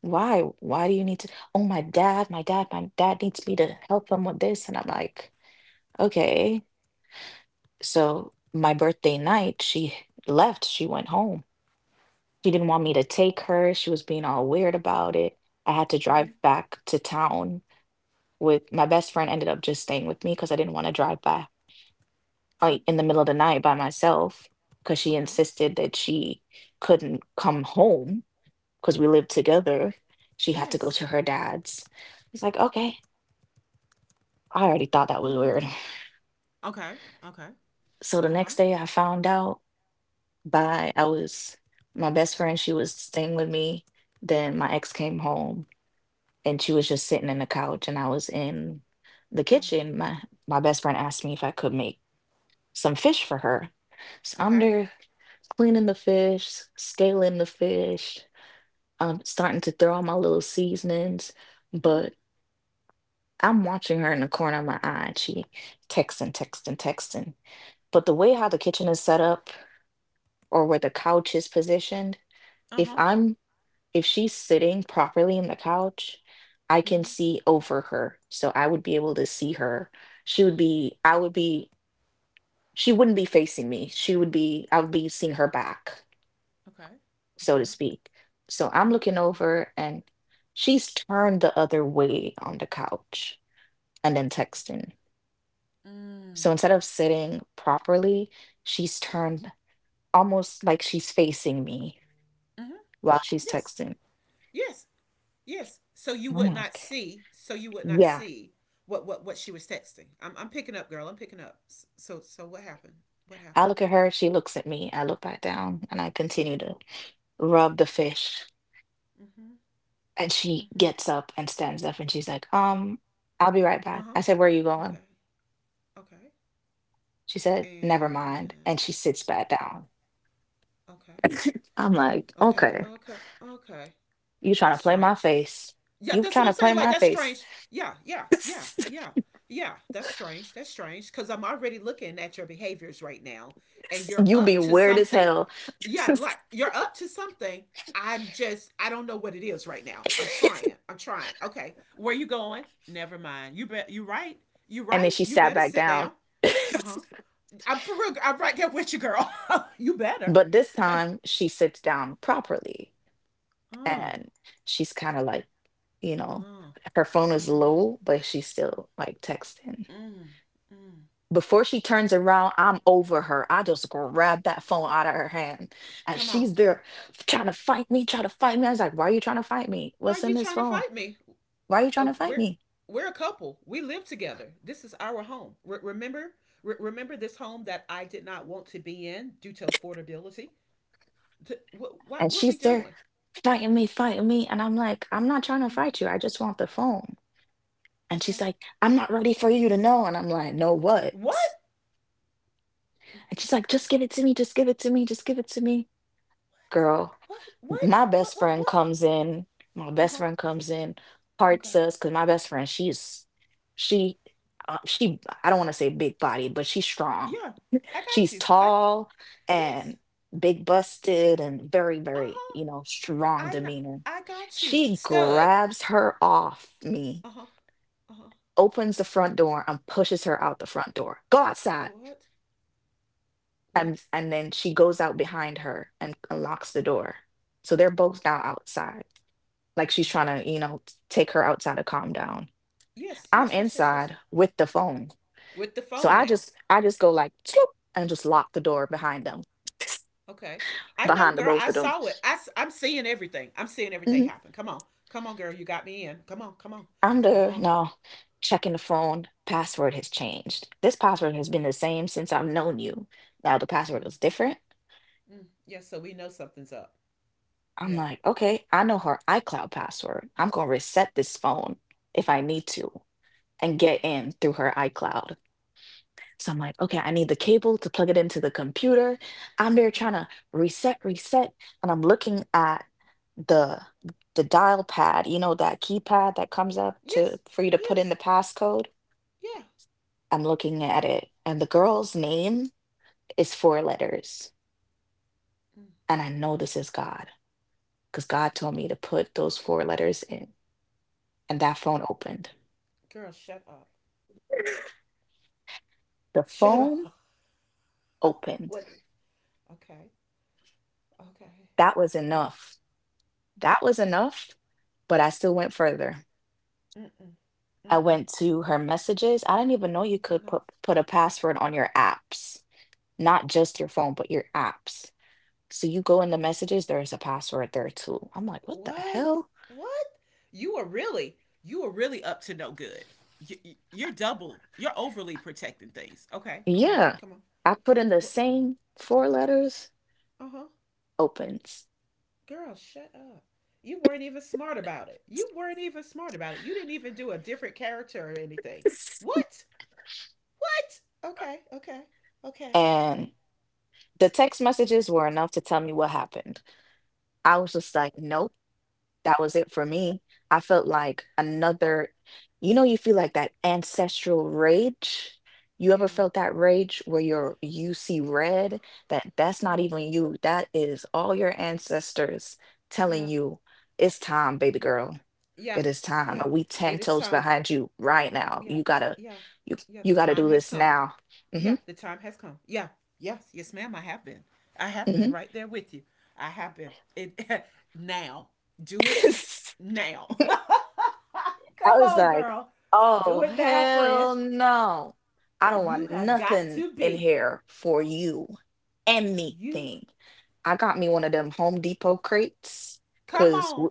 A: why? Why do you need to? Oh, my dad, my dad, my dad needs me to help him with this. And I'm like, okay. So my birthday night, she left. She went home. She didn't want
B: Mm.
A: me to take her. She was being all weird about it. I had to drive
B: Mhm.
A: back to town with my best friend. Ended up just staying with me because I didn't want to drive by
B: Mhm.
A: like in the middle of the night by myself because she
B: Okay.
A: insisted that she couldn't come home because we lived together. She had to go
B: Yes.
A: to her dad's. It's like, okay, I already thought that
B: <gasps>
A: was weird. <laughs>
B: Ah. Okay. Okay.
A: So the
B: Uh huh.
A: next day I found out by... I was... my best friend, she was staying with me. Then my ex came home and she was just sitting in the couch and I was in the kitchen. My my best friend asked me if I could make some fish for her. So I'm
B: Okay.
A: there cleaning the fish, scaling the fish, um, starting to throw all my little seasonings,
B: Mm-hmm.
A: but I'm watching her in the corner of my eye. And She texting, texting, texting. But the way how the kitchen is set up, or where the couch is positioned,
B: Uh
A: if
B: huh.
A: I'm if she's sitting properly in the couch, I can
B: Mm-hmm.
A: see over her. So I would be able to see her. She would be, I would be... she wouldn't be facing me. She would be, I would be seeing her back,
B: Okay.
A: so to
B: Okay.
A: speak. So
B: Uh
A: I'm
B: huh.
A: looking over and she's turned the other way on the couch and then texting. So
B: Mm.
A: instead of sitting properly, she's turned almost like she's facing me
B: Mm-hmm.
A: while she's
B: Yes.
A: texting.
B: Yes. Yes. So you
A: And I'm
B: would not
A: like,
B: see. So you would not
A: yeah.
B: see what what what she was texting. I'm I'm picking up, girl. I'm picking up. So so what happened? What
A: I
B: happened?
A: look at her, she looks at me. I look back down and I continue to rub the fish.
B: Mm-hmm.
A: And she
B: Mm-hmm.
A: gets up and stands up and she's like, um, I'll be right
B: Uh
A: back.
B: huh.
A: I said, where are you going?
B: Okay. Okay.
A: She said, never
B: And
A: mind. And she sits back down.
B: okay.
A: I'm like,
B: Okay.
A: okay,
B: Okay. Okay.
A: you trying
B: That's
A: to play my
B: strange.
A: face.
B: Yeah,
A: You
B: that's what
A: trying to
B: I'm
A: play
B: saying. Like,
A: my
B: that's
A: face.
B: strange. Yeah, yeah,
A: <laughs>
B: yeah, yeah, yeah. That's strange. That's strange because I'm already looking at your behaviors right now, and you're
A: You be
B: up to
A: weird as
B: something.
A: hell.
B: Yeah,
A: <laughs>
B: like you're up to something. I'm just I don't know what it is right now. I'm trying. I'm trying. Okay, where you going? Never mind. You bet. You right. You
A: And then
B: right.
A: she
B: You
A: sat
B: better
A: back
B: sit
A: down.
B: down. Uh huh.
A: <laughs>
B: I'm for real. I'm right there with you, girl. <laughs> You better.
A: But this
B: <laughs>
A: time she sits down properly
B: uh,
A: and she's kind of like, you
B: uh,
A: know,
B: uh,
A: her phone is
B: mm,
A: low, but she's still like texting.
B: mm.
A: Before she turns around, I'm over her. I just grab that phone out of her hand. And
B: Come on.
A: she's there trying to fight me, trying to fight me. I was like, why are you trying to fight me?
B: Why are
A: What's in
B: you
A: this
B: trying to
A: phone?
B: fight me?
A: Why are you trying
B: Uh,
A: to fight
B: we're
A: me?
B: we're a couple. We live together. This is our home. Re- remember, re- remember this home that I did not want to be in due to affordability. Th- what what
A: And
B: what we
A: she's there
B: doing?
A: fighting me, fighting me. And I'm like, I'm not trying to
B: Mm-hmm.
A: fight you. I just want the phone. And
B: Okay.
A: she's like, I'm not ready for you to know. And I'm like, know
B: What?
A: what? And she's like, just give it to me, just give it to me, just give it to me. Girl,
B: What? What?
A: my
B: What? What?
A: best
B: What?
A: friend
B: What?
A: comes in my
B: Uh
A: best
B: huh.
A: friend comes in, parts
B: Okay.
A: us because my best friend, she's... she uh, she... I don't want to say big body, but she's strong.
B: Yeah, I got
A: She's
B: you. I
A: tall
B: yes.
A: and big busted and very,
B: Uh
A: very,
B: huh.
A: you know, strong
B: I
A: demeanor.
B: I got you,
A: She
B: stud.
A: grabs her off me,
B: Uh huh. Uh huh.
A: opens the front door, and pushes her out the front door, go outside.
B: What?
A: and
B: What?
A: and then she goes out behind her and unlocks the door, so they're both now outside. Like she's
B: Okay.
A: trying to, you know, t- take her outside to calm down.
B: Yes.
A: I'm
B: Yes. Yes. Yes. Yes.
A: inside with the phone.
B: With the
A: So
B: phone
A: I
B: now.
A: just I just go like "Sloop," and just lock the door behind them. <laughs>
B: Okay. I know,
A: Behind the
B: girl.
A: both
B: I
A: of them.
B: saw it. I, i am seeing everything. I'm seeing everything
A: Mhm.
B: happen. Come on. Come on, girl. You got me in. Come on. Come on.
A: I'm
B: Come
A: there
B: on.
A: now checking the phone. Password has changed. This password has been the same since I've known you. Now the password
B: Mm,
A: is different.
B: mm. Yeah, so we know something's up.
A: I'm
B: Yeah.
A: like, okay, I know her iCloud password. I'm gonna reset this phone if I need to and
B: Okay.
A: get in through her iCloud. So I'm like, okay, I need the cable to plug it into the computer. I'm there trying
B: Mm-hmm.
A: to reset, reset, and I'm looking at the the dial pad, you know, that keypad that comes up to
B: Yes.
A: for you to put in the
B: Yes.
A: passcode.
B: Yeah.
A: I'm looking at it, and the girl's name is four letters,
B: Mm.
A: and I know this is God because God told me to put those four letters in, and that phone opened.
B: Girl, shut up.
A: The
B: Shut
A: phone
B: up. <laughs>
A: opened.
B: What? Okay. Okay.
A: That was
B: W-
A: enough. That was enough, but I still went further.
B: Mm-mm.
A: I
B: Mm-mm.
A: went to her messages. I didn't even know you
B: You did
A: could
B: not.
A: put put a password on your apps, not just your phone, but your apps. So you go in the messages, there is a password there too. I'm like, what the
B: What?
A: hell?
B: What? You are really, you are really up to no good. You, you're double. You're overly protecting things. Okay, come on,
A: Yeah.
B: come on.
A: I put in the same four letters,
B: Uh huh.
A: opens.
B: Girl, shut up. You weren't even smart about it. You weren't even smart about it. You didn't even do a different character or anything.
A: <laughs>
B: What? What? Okay, okay, okay.
A: And the text messages were enough to tell me what happened. I was just like, nope. That was it for me. I felt like another, you know, you feel like that ancestral rage. You ever
B: Yeah,
A: felt that rage where you're you see red? That that's not
B: yeah,
A: even you. That is all your ancestors
B: yeah,
A: telling you it's time, baby girl.
B: yeah,
A: It is time.
B: yeah.
A: And we
B: It
A: ten
B: is
A: toes
B: time.
A: behind you right now.
B: Yeah,
A: You gotta...
B: yeah,
A: you
B: yeah. The
A: you gotta
B: time
A: do
B: has
A: this
B: come.
A: now.
B: Yeah,
A: hmm
B: the time has come. Yeah, yes, yes, ma'am. I have been. I have been
A: hmm
B: right there with you. I have been. It. <laughs> Now. Do it now.
A: <laughs>
B: <laughs>
A: I
B: Come
A: was
B: on,
A: like,
B: girl. Do
A: oh,
B: it now, friend.
A: hell no. I don't
B: You
A: want
B: have got
A: nothing
B: to
A: in
B: be.
A: here for you.
B: You
A: Anything. I got me one of them Home Depot crates
B: come
A: because
B: on.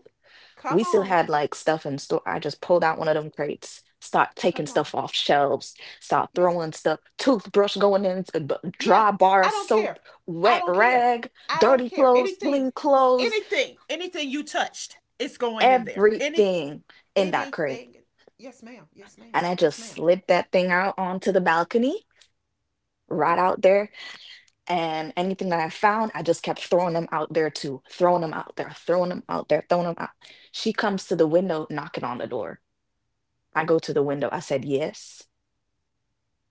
A: we
B: Come
A: still
B: on.
A: had like stuff in store. I just pulled out one of them crates, start taking
B: Come
A: stuff
B: on.
A: off shelves, start
B: Yeah.
A: throwing stuff, toothbrush going in, a b-
B: Yeah.
A: dry bar
B: I
A: of
B: don't
A: soap,
B: care. I
A: wet
B: don't care.
A: rag,
B: I don't
A: dirty
B: care.
A: clothes,
B: Anything.
A: clean clothes,
B: Anything. Anything you touched, it's going in there. Any
A: everything in that crate.
B: anything. Yes, ma'am. Yes, ma'am.
A: And I
B: Yes,
A: just
B: ma'am.
A: slid that thing out onto the balcony right
B: Oh.
A: out there. And anything that I found, I just kept throwing them out there too, throwing them out there, throwing them out there, throwing them out. She comes to the window, knocking on the door. I go to the window. I said, yes.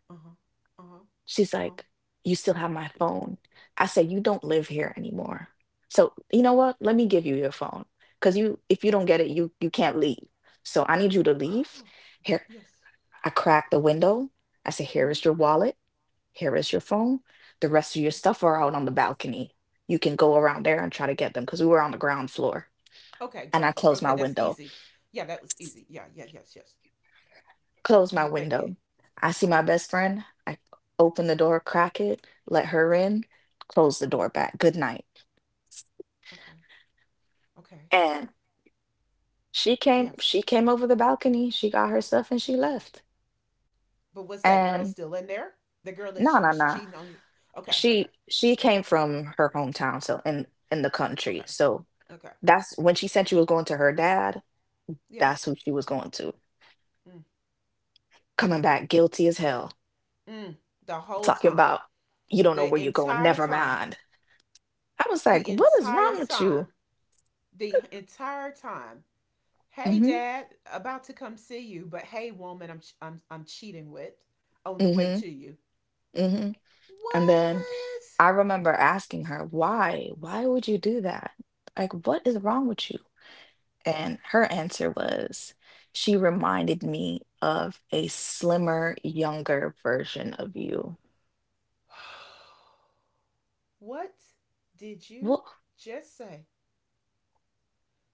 B: Uh huh. Uh
A: She's
B: huh. Uh
A: like, you still have my phone. I said, you don't live here anymore. So you know what? Let me give you your phone. Cause you if you don't get it, you you can't leave. So I need you to
B: huh.
A: leave.
B: Oh,
A: Here."
B: <sighs> yes.
A: I cracked the window. I said, here
B: Mm-hmm.
A: is your wallet. Here is your phone. The rest of your
B: Yeah.
A: stuff are out on the balcony. You can go around there and try to get them because we were on the ground floor.
B: Okay,
A: And I
B: girlfriend.
A: closed my
B: Okay, that's
A: window.
B: easy. Yeah, that was easy. Yeah, yeah, yes, yes.
A: Closed my
B: You
A: window.
B: thinking?
A: I see
B: Uh
A: my
B: huh.
A: best friend. I open the door, crack it, let her in, close the
B: Uh huh.
A: door back. Good night.
B: Okay. Okay.
A: And she came,
B: Yes.
A: she came over the balcony, she got her stuff and she left.
B: But was that girl
A: And
B: still in there? The girl that
A: no,
B: she
A: no,
B: was
A: no.
B: cheating on you? Okay. Okay.
A: She she came from her hometown, so in in the country.
B: Okay.
A: So
B: Okay.
A: that's when she said she was going to her dad,
B: Yeah.
A: that's who she was going to.
B: Mm.
A: Coming
B: Mm.
A: back guilty as hell,
B: Mm. The whole
A: talking
B: time.
A: about you don't know where
B: The
A: you're going,
B: entire
A: never
B: time.
A: mind. I was like,
B: The
A: what is
B: entire
A: wrong with you?
B: time. The entire time. Hey,
A: Mm-hmm.
B: Dad, about to come see you, but hey, woman, I'm I'm I'm cheating with, on the way to
A: Mm-hmm.
B: you.
A: Mm-hmm. And then I remember asking her, why? Why would you do that? Like, what is wrong with you? And her answer was, she reminded me of a slimmer, younger version of you.
B: What? <sighs> What did you
A: Well,
B: just say?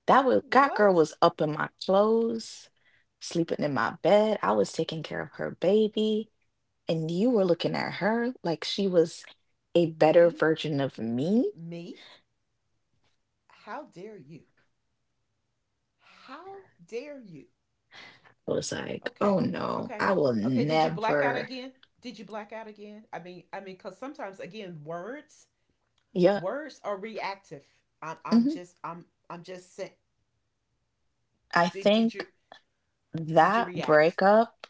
A: that was— that girl
B: What?
A: was up in my clothes, sleeping in my bed. I was taking care of her baby, and you were looking at her like she was a better
B: Me?
A: version of me.
B: Me? How dare you? How dare you?
A: I was like, oh
B: Okay,
A: no,
B: okay,
A: I will
B: okay. Did you black out
A: never.
B: again? Did you black out again? I mean, I mean, cause sometimes again, words,
A: Yeah.
B: words are reactive. I'm, I'm
A: Mhm.
B: just, I'm, I'm just saying.
A: I
B: Did, did
A: think
B: you? Did you
A: that
B: react?
A: breakup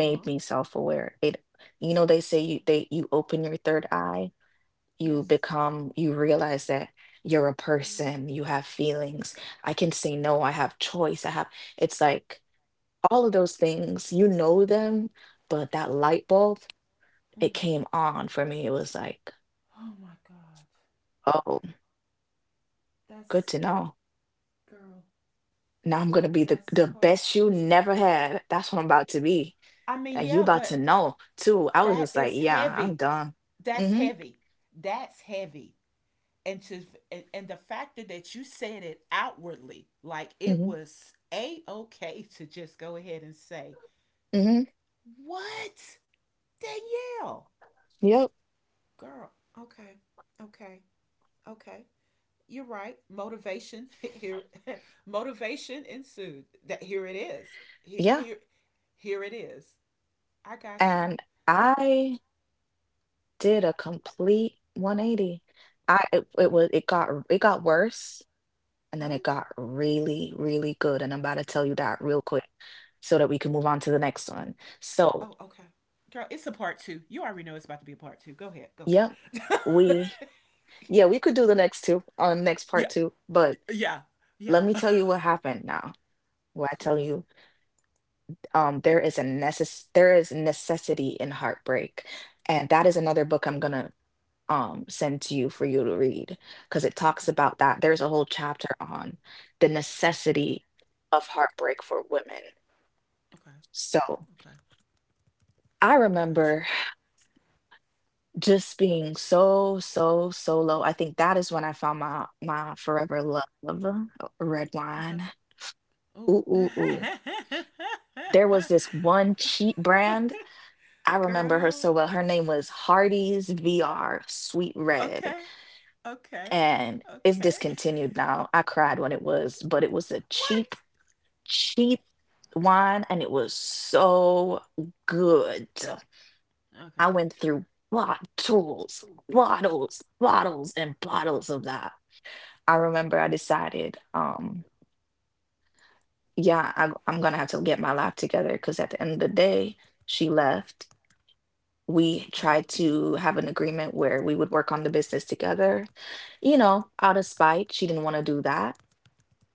B: Uh huh.
A: me self-aware. It, you know, they say you they you open your third eye. You
B: Yes.
A: become— you realize that you're a
B: Yeah.
A: person, you have feelings, I can say no, I have choice, I have— it's like all of those things, you know them, but that light bulb,
B: Mm.
A: it came on for me. It was like,
B: Oh my god.
A: oh, good
B: That's
A: to know.
B: girl.
A: Now I'm gonna be the,
B: That's
A: the best
B: harsh.
A: you never had. That's what I'm about to be.
B: I mean,
A: And you
B: yeah,
A: about to
B: but
A: know too. I was
B: that
A: just like,
B: is
A: yeah, I'm
B: heavy.
A: done.
B: That's
A: Mm-hmm.
B: heavy. That's heavy. And to and, and the factor that you said it outwardly, like it
A: Mm-hmm.
B: was a okay to just go ahead and say,
A: Mm-hmm.
B: "What, Danielle,
A: Yep.
B: girl? Okay. Okay. Okay. You're right. Motivation here <laughs> motivation ensued. That here it is. Here,
A: Yeah,
B: here here it is. I got you.
A: and I did a complete one eighty. I it it
B: Yeah.
A: was it got it got worse, and then it
B: What?
A: got really, really good, and I'm about to tell you that real quick so that we can move on to the next one. So,
B: Oh, okay. Girl, it's a part two. You already know it's about to be a part two. Go ahead. Go ahead.
A: yep, we yeah, we could do the next two on next
B: <laughs>
A: part
B: yeah.
A: two, but
B: Yeah. Yeah.
A: let me
B: <laughs>
A: tell you what happened now. Where I tell
B: Please.
A: you, um, there is a necess— there is necessity in heartbreak, and that is another book I'm gonna um send to you for you to read because it
B: Okay.
A: talks about that. There's a whole chapter on the necessity of heartbreak for women.
B: Okay.
A: So
B: Okay.
A: I
B: I got you.
A: remember just being so, so, so low. I think that is when I found my my forever love, uh, red
B: Okay.
A: wine.
B: Oh.
A: Ooh, ooh, ooh. There was this one
B: <laughs>
A: cheap brand. I remember her
B: Girl.
A: so well. Her name was Hardy's V R Sweet Red.
B: Okay. Okay.
A: And it's
B: Okay.
A: discontinued now. I cried when it was, but it was a
B: What?
A: cheap cheap wine and it was so good. I
B: Okay.
A: went through bottles, bottles, bottles, and bottles of that. I remember I decided, um, yeah, I'm, I'm gonna have to get my life together because at the end of the
B: Uh huh.
A: day, she left. We
B: Uh huh.
A: tried to have an agreement where we would work on the business together. You know, out of spite, she didn't want to do that.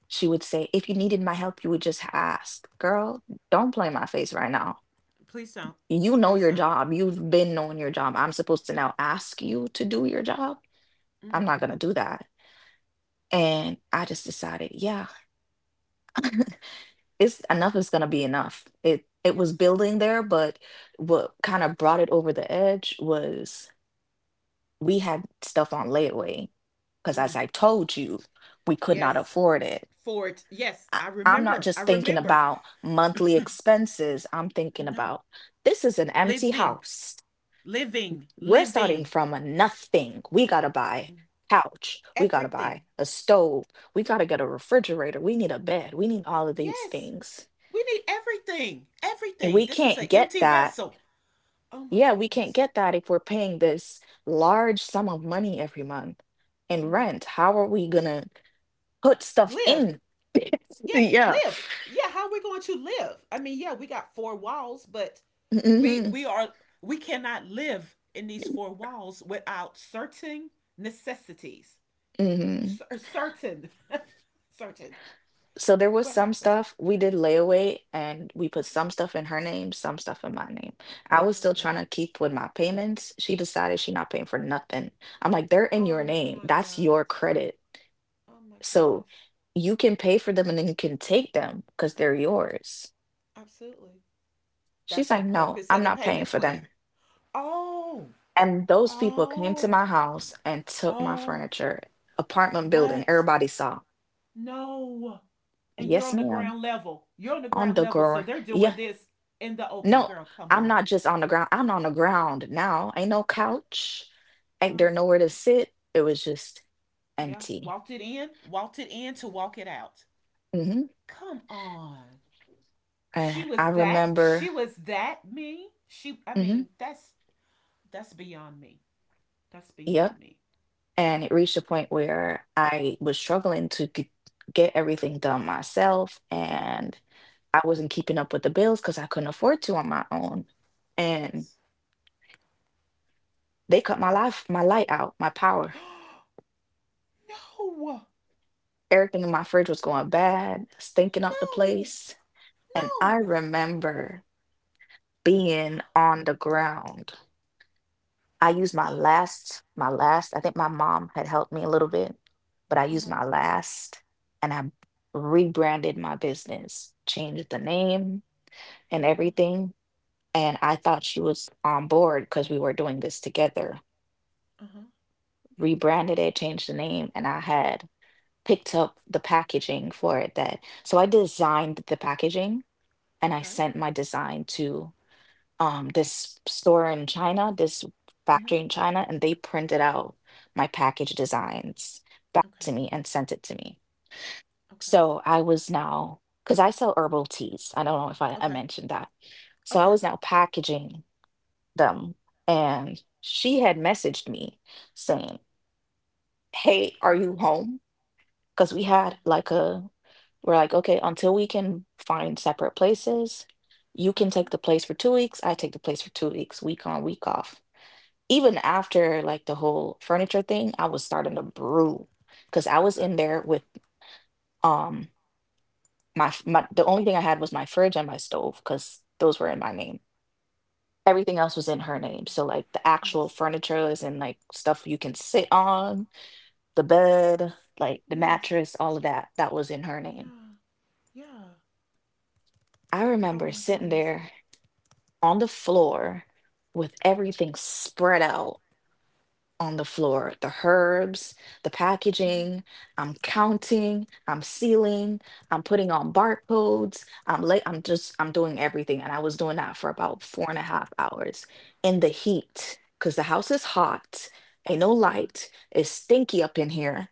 A: She would say, if you needed my help, you would just ask. Girl, don't play my face right now.
B: Please don't.
A: You know
B: Please
A: your
B: don't.
A: job. You've been knowing your job. I'm supposed to now ask you to do your job. I'm
B: Mm.
A: not going to do that. And I just decided, yeah, it's— enough is going to be enough. It it was
B: Yes.
A: building there, but what kind of brought it over the edge was we had stuff on layaway because as I told you, we could not
B: Yes.
A: afford it.
B: For it. Yes.
A: I,
B: I
A: I'm not
B: remember. I
A: just thinking
B: remember.
A: about
B: <laughs>
A: monthly expenses. I'm thinking
B: No.
A: about this is an empty
B: Living.
A: house,
B: Living.
A: we're starting
B: Living.
A: from a nothing. We gotta buy couch. We gotta buy
B: Everything.
A: a stove. We gotta get a refrigerator. We need a bed. We need all of these
B: Yes.
A: things.
B: We need everything.
A: And
B: Everything.
A: we
B: This is an
A: can't get
B: empty
A: that.
B: vessel. Oh my
A: Yeah, we can't
B: goodness.
A: get that if we're paying this large sum of money every month in
B: Mm.
A: rent. How are we gonna put stuff
B: Live.
A: in? <laughs>
B: Yes.
A: Yeah.
B: Live. Yeah. How are we going to live? I mean, yeah, we got four walls, but we
A: Hmm.
B: we are we cannot live in these four walls without certain necessities.
A: Hmm.
B: Cer- certain, <laughs> certain.
A: So there was
B: What
A: some
B: happened?
A: stuff we did layaway and we put some stuff in her name, some stuff in my name. I was
B: Oh,
A: still trying
B: girl.
A: to keep with my payments. She decided she not paying for nothing. I'm like, they're in your
B: Oh
A: name.
B: my
A: That's
B: God.
A: your credit.
B: Oh my
A: So
B: goodness.
A: you can pay for them and then you can take them because they're yours.
B: Absolutely. That's
A: She's
B: the
A: like, no,
B: purpose of
A: I'm
B: the
A: not paying
B: payment
A: for
B: plan.
A: them.
B: Oh,
A: And those people came to
B: oh,
A: my house and took my
B: oh.
A: furniture, apartment building.
B: What?
A: Everybody saw.
B: No. And you're
A: Yes,
B: on the
A: ma'am.
B: ground level. You're on the
A: On
B: ground
A: the
B: level, so
A: ground.
B: they're
A: Yeah,
B: doing this in the opening.
A: no,
B: Girl, come
A: I'm
B: on.
A: not just on the ground. I'm on the ground now. Ain't no couch. Ain't there
B: Oh
A: nowhere to
B: God.
A: sit. It was just
B: Yeah.
A: empty.
B: Walked it in. Walked it in to walk it out.
A: Hmm.
B: Come on. She
A: And I
B: was that.
A: remember.
B: She was that me. She. I
A: Hmm.
B: mean, that's that's beyond me. That's
A: Yep.
B: beyond me.
A: And it reached a point where I was struggling to g- get everything done myself, and I wasn't keeping up with the bills because I couldn't afford to on my own. And
B: Yes.
A: they cut my
B: Yes.
A: life, my light out, my power.
B: <gasps> no. No.
A: Everything in my fridge was going bad, stinking up the place. And I
B: No.
A: remember being
B: <gasps>
A: on the ground. I used my last, my last, I think my mom had helped me a little bit, but I
B: Uh
A: used
B: huh.
A: my last, and I rebranded my business, changed the name and
B: Uh huh.
A: everything. And I thought she was on board because we were doing this together.
B: Uh huh.
A: Rebranded it, changed the name, and I had picked up the packaging for it, that— so I designed the packaging and I
B: Okay.
A: sent my design to um this store in China, this
B: Mm
A: factory
B: hmm.
A: in China, and they printed out my package designs back to
B: Okay.
A: me and sent it to me.
B: Okay.
A: So I was now, because I sell herbal teas. I don't know if I, I
B: Okay.
A: mentioned that. So I
B: Okay.
A: was now packaging them. And she had messaged me saying, hey, are
B: What?
A: you home? Because we had
B: Uh
A: like a— we're like, okay, until we can find separate places, you
B: Uh
A: can take
B: huh.
A: the place for two weeks. I take the place for two weeks, week on, week off. Even after like the whole furniture thing, I was starting to brew because I was
B: Okay.
A: in there with um my, f- my— the only thing I had was my fridge and my stove because those were in my name. Everything else was in her name. So like the actual
B: Yes.
A: furniture is in like stuff you can sit on, the bed, like the
B: Yes.
A: mattress, all of that. That was in her name.
B: Yeah. Yeah.
A: I
B: Oh
A: remember
B: my
A: sitting
B: goodness.
A: there on the floor with everything spread out on the floor, the herbs, the
B: Mm hmm.
A: packaging. I'm counting, I'm sealing, I'm putting on barcodes. I'm late, I'm just, I'm doing everything. And I was doing that for about four and a half hours in the heat because the house is hot, ain't no
B: Yeah.
A: light, it's stinky up in here.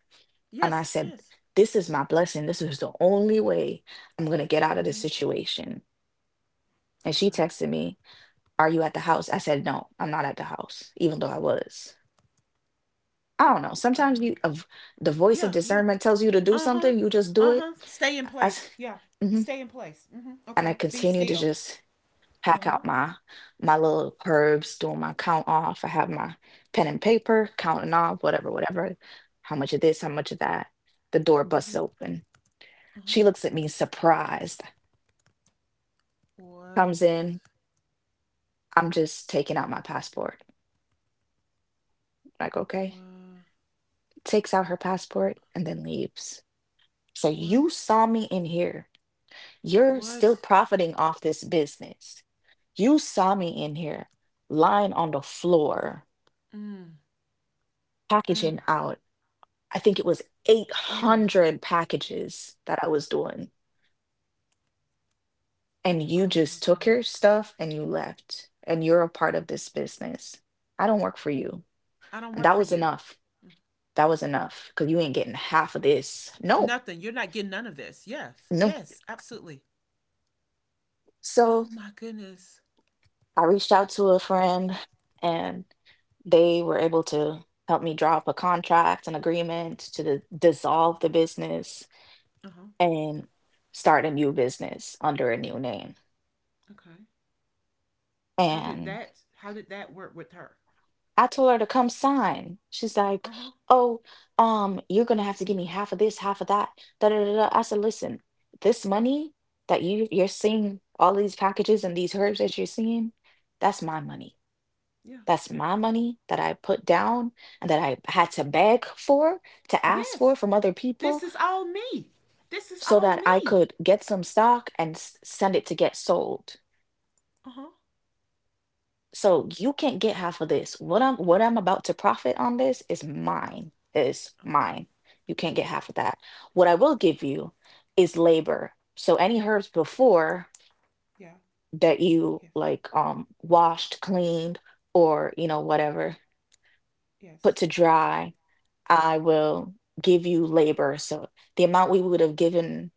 A: And I
B: Yes.
A: said,
B: Yes.
A: this is my blessing. This is the only way I'm going to get out of
B: Mm
A: this
B: hmm.
A: situation. And she
B: Okay.
A: texted me, are you at the house? I said, no, I'm not at the house, even though I was. I don't know.
B: Uh
A: Sometimes
B: huh.
A: you— of the voice of
B: Yeah. Yeah.
A: discernment tells you to do
B: Uh huh.
A: something, you just do
B: Uh
A: it.
B: huh. Stay in
A: I s-
B: place. Yeah.
A: mhm.
B: Stay in place. Mm-hmm.
A: And I
B: Okay. Be
A: continue to
B: still.
A: just
B: Uh
A: pack
B: huh.
A: out my my little herbs, doing my count off. I have my pen and paper counting off whatever, whatever. How much of this? How much of that? The door busts
B: Mm-hmm.
A: open.
B: Uh huh.
A: She looks at me surprised. Comes
B: What?
A: in. I'm just taking out my passport. Like okay, takes out her passport and then leaves. So
B: What? What?
A: you saw me in here. You're
B: What?
A: still profiting off this business. You saw me in here lying on the floor,
B: Mm.
A: packaging
B: Mm.
A: out. I think it was
B: Mm.
A: eight hundred packages that I was doing. And you
B: Oh my
A: just took
B: goodness.
A: your stuff and you left. And you're a part of this business. I don't work for you.
B: I don't
A: And
B: work
A: that
B: for
A: was
B: you.
A: enough. That was enough because you ain't getting half of this. No,
B: Nothing. You're not getting none of this. Yes.
A: no.
B: Yes. Absolutely.
A: So
B: Oh my goodness.
A: I reached out to a friend, and they were able to help me draw up a contract, an agreement to d- dissolve the business
B: Uh huh.
A: and start a new business under a new name.
B: Okay. How did
A: And
B: that? How did that work with her?
A: I told her to come sign. She's like,
B: Uh huh.
A: "Oh, um, you're gonna have to give me half of this, half of that." Da da da da." I said, "Listen, this money that you you're seeing, all these packages and these herbs that you're seeing, that's my money."
B: Yeah.
A: That's my money that I put down and that I had to beg for, to ask for
B: Yes.
A: from other
B: This
A: people
B: is all me. This is
A: so
B: all
A: that I
B: me.
A: could get some stock and s- send it to get sold.
B: Uh huh.
A: So you can't get half of this. What I'm what I'm about to profit on this is mine. Is
B: Okay.
A: mine. You can't get half of that. What I will give you is labor. So any herbs before
B: Yeah.
A: that you
B: Yes.
A: like um washed, cleaned, or you know, whatever, put
B: Yes.
A: to dry, I will give you labor. So the amount we would have given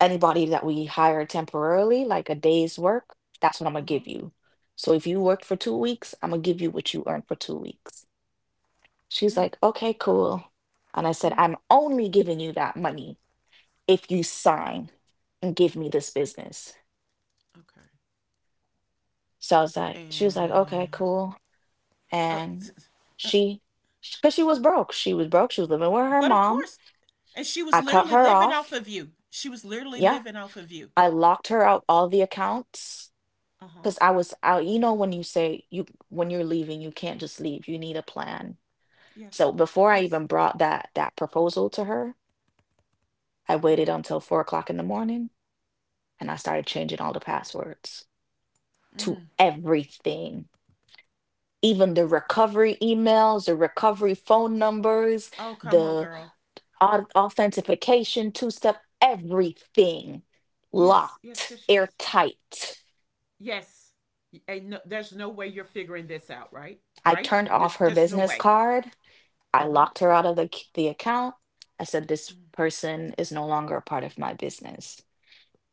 A: anybody that we hired temporarily, like a day's work, that's what I'm gonna
B: Uh huh.
A: give you. So if you worked for two weeks, I'm gonna give you what you earned for two weeks. She's
B: Mm,
A: like, okay, cool. And I said,
B: mm.
A: I'm only giving you that money if you sign and give me this business.
B: Okay.
A: So I was like, she was like, okay,
B: And.
A: cool.
B: Uh,
A: And
B: uh,
A: she, because she was broke, she was broke, she was living with her
B: but of
A: mom.
B: course. And she was
A: I cut
B: literally
A: her
B: living off
A: off.
B: of you. She was literally
A: Yeah,
B: living off of you.
A: I locked her out all the accounts
B: Uh huh.
A: because I was out. You know, when you say you when you're leaving, you can't just leave. You need a plan.
B: Yes.
A: So before I
B: Yes.
A: even brought that that proposal to her, I
B: Uh
A: waited
B: huh.
A: until four o'clock in the morning and I started changing all the passwords to
B: Mm.
A: everything. Even the recovery emails, the recovery phone numbers,
B: Oh, come on,
A: the
B: girl.
A: au- authentication, two step, everything
B: Yes. Yes.
A: locked,
B: Yes. Yes.
A: airtight.
B: Yes. And no, there's no way you're figuring this out, right?
A: I
B: Right?
A: turned off
B: There's
A: her
B: there's no
A: business
B: way.
A: card. I
B: Uh huh.
A: locked her out of the, c- the account. I said, "This person is no longer a part of my business."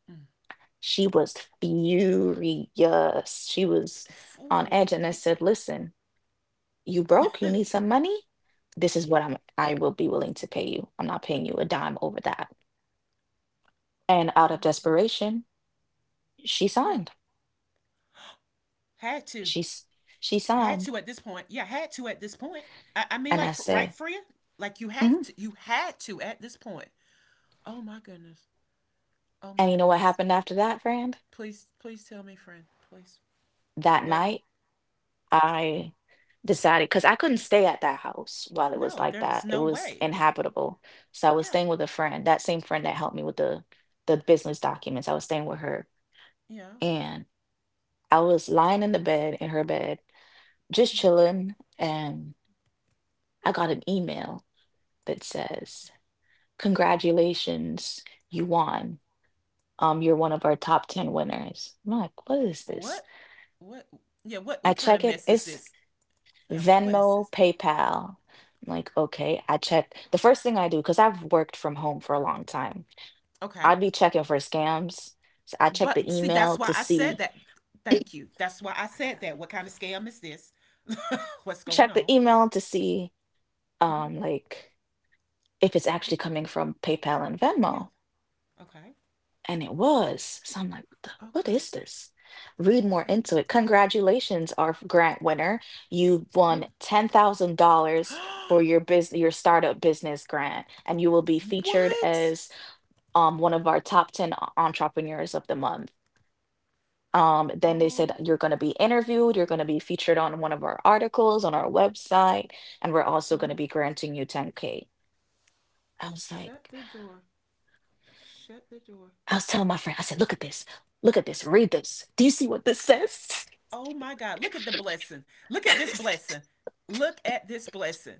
B: Mm.
A: She was furious. She was on edge. And I said,
B: <laughs>
A: "Listen, you broke, you
B: oh
A: need some money. This is what I'm I will be willing to pay you. I'm not paying you a dime over that." And out of
B: my goodness.
A: desperation, she
B: Yeah.
A: signed.
B: Had to.
A: She's she
B: Had
A: signed.
B: to at this point. Yeah, had to at this point. I, I mean,
A: And I
B: like, right,
A: said,
B: Freya? Like, you have
A: "Mhm."
B: to. You had to at this point. Oh my goodness. Oh my
A: And you know what
B: goodness.
A: happened after that, friend?
B: Please, please tell me, friend. Please.
A: That
B: What?
A: night I decided, because I couldn't stay at that house while it was
B: No,
A: like
B: there
A: that.
B: was
A: It
B: no
A: was
B: way.
A: inhabitable. So I was
B: Yeah.
A: staying with a friend, that same friend that helped me with the the business documents. I was staying with her,
B: Yeah.
A: and I was lying in the bed, in her bed, just
B: Mhm.
A: chilling, and I got an email that
B: Okay.
A: says, "Congratulations, you won. Um, you're one of our top ten winners." I'm like, "What is this?"
B: What? What? Yeah. What?
A: I
B: What kind
A: check
B: of
A: it.
B: mess is
A: It's
B: this? Yeah. What? What is
A: Venmo,
B: this?
A: PayPal. I'm like, okay, I check. The first thing I do, because I've worked from home for a long time,
B: Okay.
A: I'd be checking for scams. So I check the
B: But see, that's
A: email
B: why
A: to
B: I said
A: see,
B: that. Thank you. That's why I said that. What kind of scam is this? <laughs> What's going
A: check the
B: on?
A: email to see,
B: Hmm
A: um, like, if it's
B: hmm
A: actually coming from PayPal and
B: Yeah.
A: Venmo.
B: Okay.
A: And it was. So I'm like, what, the, what
B: Okay.
A: is this? Read more
B: Okay.
A: into it. Congratulations, our f- grant winner. You
B: Mm.
A: won ten thousand dollars for your
B: <gasps>
A: business, your startup business grant, and you will be featured
B: what?
A: as um, one of our top ten o- entrepreneurs of the month. Um, then they said,
B: Oh,
A: "You're going to be interviewed, you're going to be featured on one of our articles on our website, and we're
B: uh
A: also going
B: huh.
A: to be granting you ten K" I was
B: Shut
A: like,
B: the door. Shut the door.
A: I was telling my friend, I said, "Look at this, look at this, read this. Do you see what this says?" <laughs>
B: Oh my God. Look at the blessing. Look at this blessing. Look at this blessing.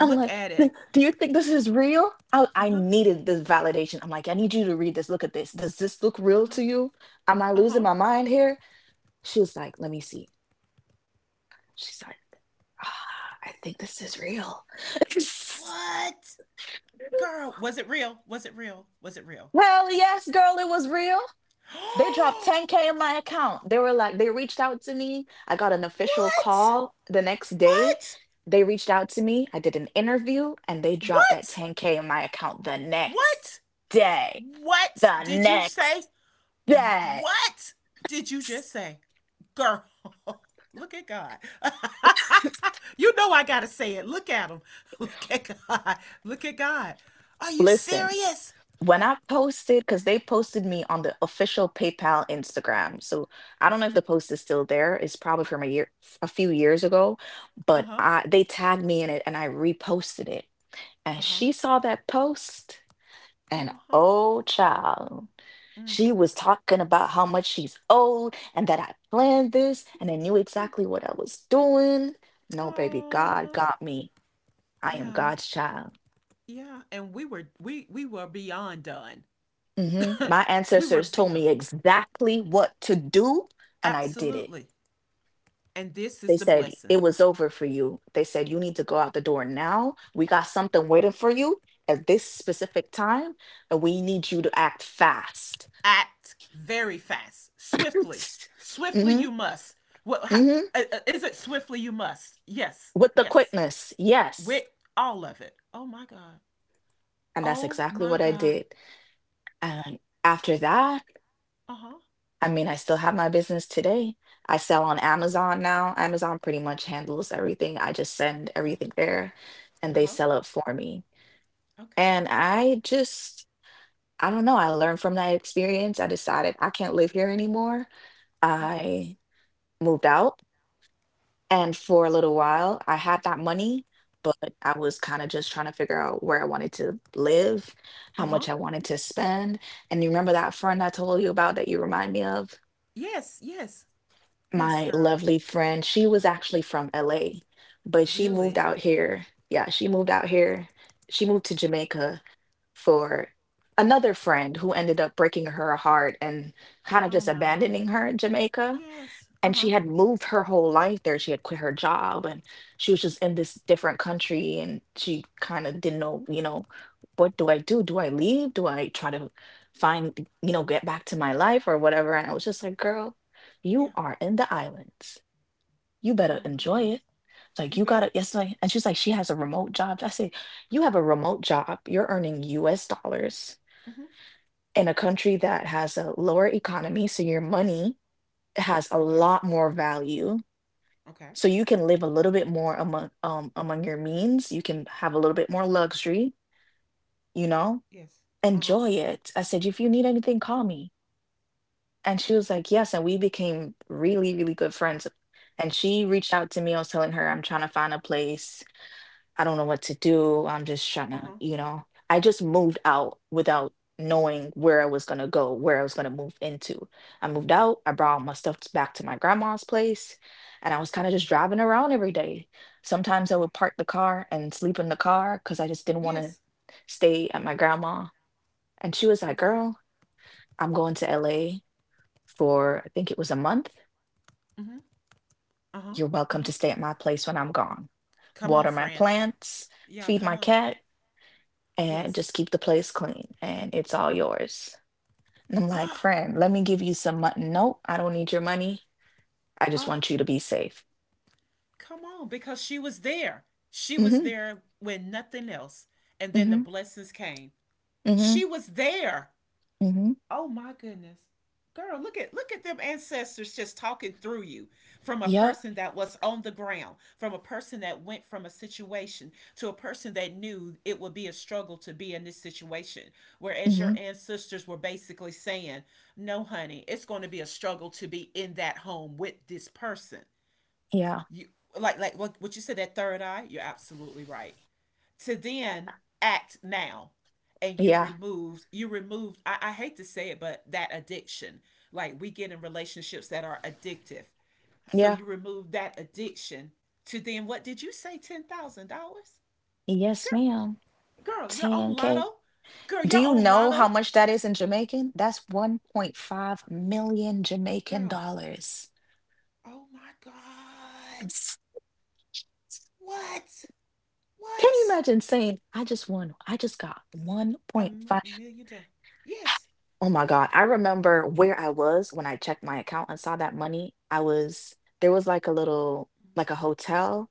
A: I'm like,
B: at
A: "Th-
B: it.
A: Do you think this is real? I,
B: Uh
A: I
B: huh.
A: needed this validation." I'm like, "I need you to read this. Look at this. Does this look
B: Uh
A: real
B: huh.
A: to you? Am I
B: Uh
A: losing
B: huh.
A: my mind here?" She was like, "Let me see." She's like, <sighs> "Ah, I think this is real." <laughs>
B: What? Girl, was it real? Was it real? Was it real?
A: Hell yes, girl, it was real. They dropped
B: <gasps>
A: ten K in my account. They were like, they reached out to me. I got an official
B: what?
A: call the next day.
B: What?
A: They reached out to me. I did an interview, and they dropped that
B: What?
A: ten K in my account the next
B: What?
A: day.
B: What
A: The
B: did you
A: next
B: say?
A: day.
B: What did you just say? Girl, <laughs> look at God. <laughs> you know I got to say it. Look at him. <laughs> Look at God. Look at God. Are you
A: Listen,
B: serious?
A: when I posted, because they posted me on the official PayPal Instagram. So I don't know if the post is still there. It's probably from a year, a few years ago,
B: Uh
A: but
B: huh.
A: I they tagged me in it and I reposted it.
B: Uh
A: And
B: huh.
A: she saw that post,
B: Uh
A: and
B: huh.
A: oh child,
B: Mm.
A: she was talking about how much she's owed, and that I planned this and I knew exactly what I was doing. No, baby, God
B: Oh,
A: got me. I am
B: yeah.
A: God's child.
B: Yeah. And we were, we, we were beyond done.
A: Mhm. My
B: <laughs> we were
A: ancestors told
B: beyond.
A: me exactly what to do, and I did it.
B: Absolutely. And this
A: They
B: is the
A: said,
B: blessing.
A: "It was over for you." They said, "You need to go out the door now. We got something waiting for you at this specific time, and we need you to act fast."
B: Act very fast, swiftly.
A: <laughs>
B: Swiftly
A: hmm
B: you must. Well, How,
A: hmm
B: uh, uh, is it swiftly you must? Yes,
A: With the
B: yes.
A: quickness.
B: With
A: Yes.
B: all of it. Oh my god.
A: And that's
B: Oh
A: exactly
B: my
A: what I
B: god.
A: did. And after that,
B: Uh huh.
A: I mean, I still have my business today. I sell on Amazon now. Amazon pretty much handles everything. I just send
B: Okay.
A: everything there and
B: Uh
A: they
B: huh.
A: sell it for me.
B: Okay.
A: And I just, I don't know. I learned from that experience. I decided I can't live here anymore.
B: Okay.
A: I moved out. And for a little while, I had that money, but I was kind of just trying to figure out where I wanted to live, how
B: Uh huh.
A: much I wanted to spend. And you remember that friend I told you about that you remind me of?
B: Yes. Yes. Yes,
A: My
B: girl.
A: lovely friend, she was actually from L A, but she
B: Really?
A: moved out here. Yeah, she moved out here. She moved to Jamaica for another friend who ended up breaking her heart and kind of
B: Oh
A: just
B: no.
A: abandoning her in Jamaica,
B: Yes. Uh
A: and
B: huh.
A: she had moved her whole life there. She had quit her job, and she was just in this different country, and she kind of didn't know, you know, what do I do? Do I leave? Do I try to find, you know, get back to my life or whatever? And I was just like, "Girl,
B: Yeah.
A: you are in the islands. You better
B: Oh my
A: enjoy it."
B: goodness. You
A: Like, you
B: bet.
A: gotta, it's like, and she's like, she has a remote job. I say, "You have a remote job. You're earning U S dollars
B: Mm hmm.
A: in a country that has a lower economy. So your money has a
B: Okay.
A: lot more value,
B: Okay.
A: so you can live a little bit more among um, among your means. You can have a little bit more luxury, you know?
B: Yes. Uh huh.
A: Enjoy it." I said, "If you need anything, call me." And she was like, "Yes." And we became really, really good friends. And she reached out to me. I was telling her, I'm trying to find a place. I don't know what to do. I'm just trying
B: Uh
A: to,
B: huh.
A: you know, I just moved out without knowing where I was going to go, where I was going to move into. I moved out. I brought my stuff t- back to my grandma's place, and I was kind of just
B: Okay.
A: driving around every day. Sometimes I
B: Okay.
A: would park the car and sleep in the car because I just didn't want to
B: Yes.
A: stay at my grandma. And she was like,
B: Okay.
A: "Girl, I'm going to L A for, I think it was a month.
B: Mm hmm. Uh huh.
A: You're
B: Uh
A: welcome
B: huh.
A: to stay at my place when I'm gone.
B: Come on,
A: Water my
B: friend.
A: plants,
B: Yeah,
A: feed
B: come
A: my
B: on.
A: cat, and
B: Yes.
A: just keep the place clean, and it's all yours." And I'm like,
B: Ah,
A: "Friend, let me give you some money." "No, I don't need your money. I just
B: ah,
A: want you to be safe."
B: come on. Because she was there. She was
A: Mm-hmm.
B: there when nothing else. And then the
A: Mm-hmm.
B: blessings came.
A: Mm-hmm.
B: She was there.
A: Mm-hmm.
B: Oh my goodness. Girl, look at look at them ancestors just talking through you from a
A: Yep.
B: person that was on the ground, from a person that went from a situation to a person that knew it would be a struggle to be in this situation. Whereas your
A: Mm-hmm.
B: ancestors were basically saying, "No, honey, it's going to be a struggle to be in that home with this person."
A: Yeah.
B: You like like what what you said that third eye, you're absolutely right to then act now and you
A: Yeah.
B: removed you removed I, I hate to say it but that addiction like we get in relationships that are addictive so
A: Yeah.
B: you remove that addiction to then what did you say ten thousand dollars
A: Yes,
B: girl
A: ma'am.
B: girl your own
A: ten K.
B: lotto girl
A: Do
B: your
A: you
B: own
A: know how
B: lotto
A: much that is in Jamaican? That's one point five million Jamaican
B: girl
A: dollars.
B: oh my god
A: It's-
B: what
A: Can you
B: what
A: imagine saying, "I just won, I just got
B: a m-
A: one point five dollars."
B: million dollars yes
A: Oh my God. I remember where I was when I checked my account and saw that money. I was, there was like a little, like a hotel,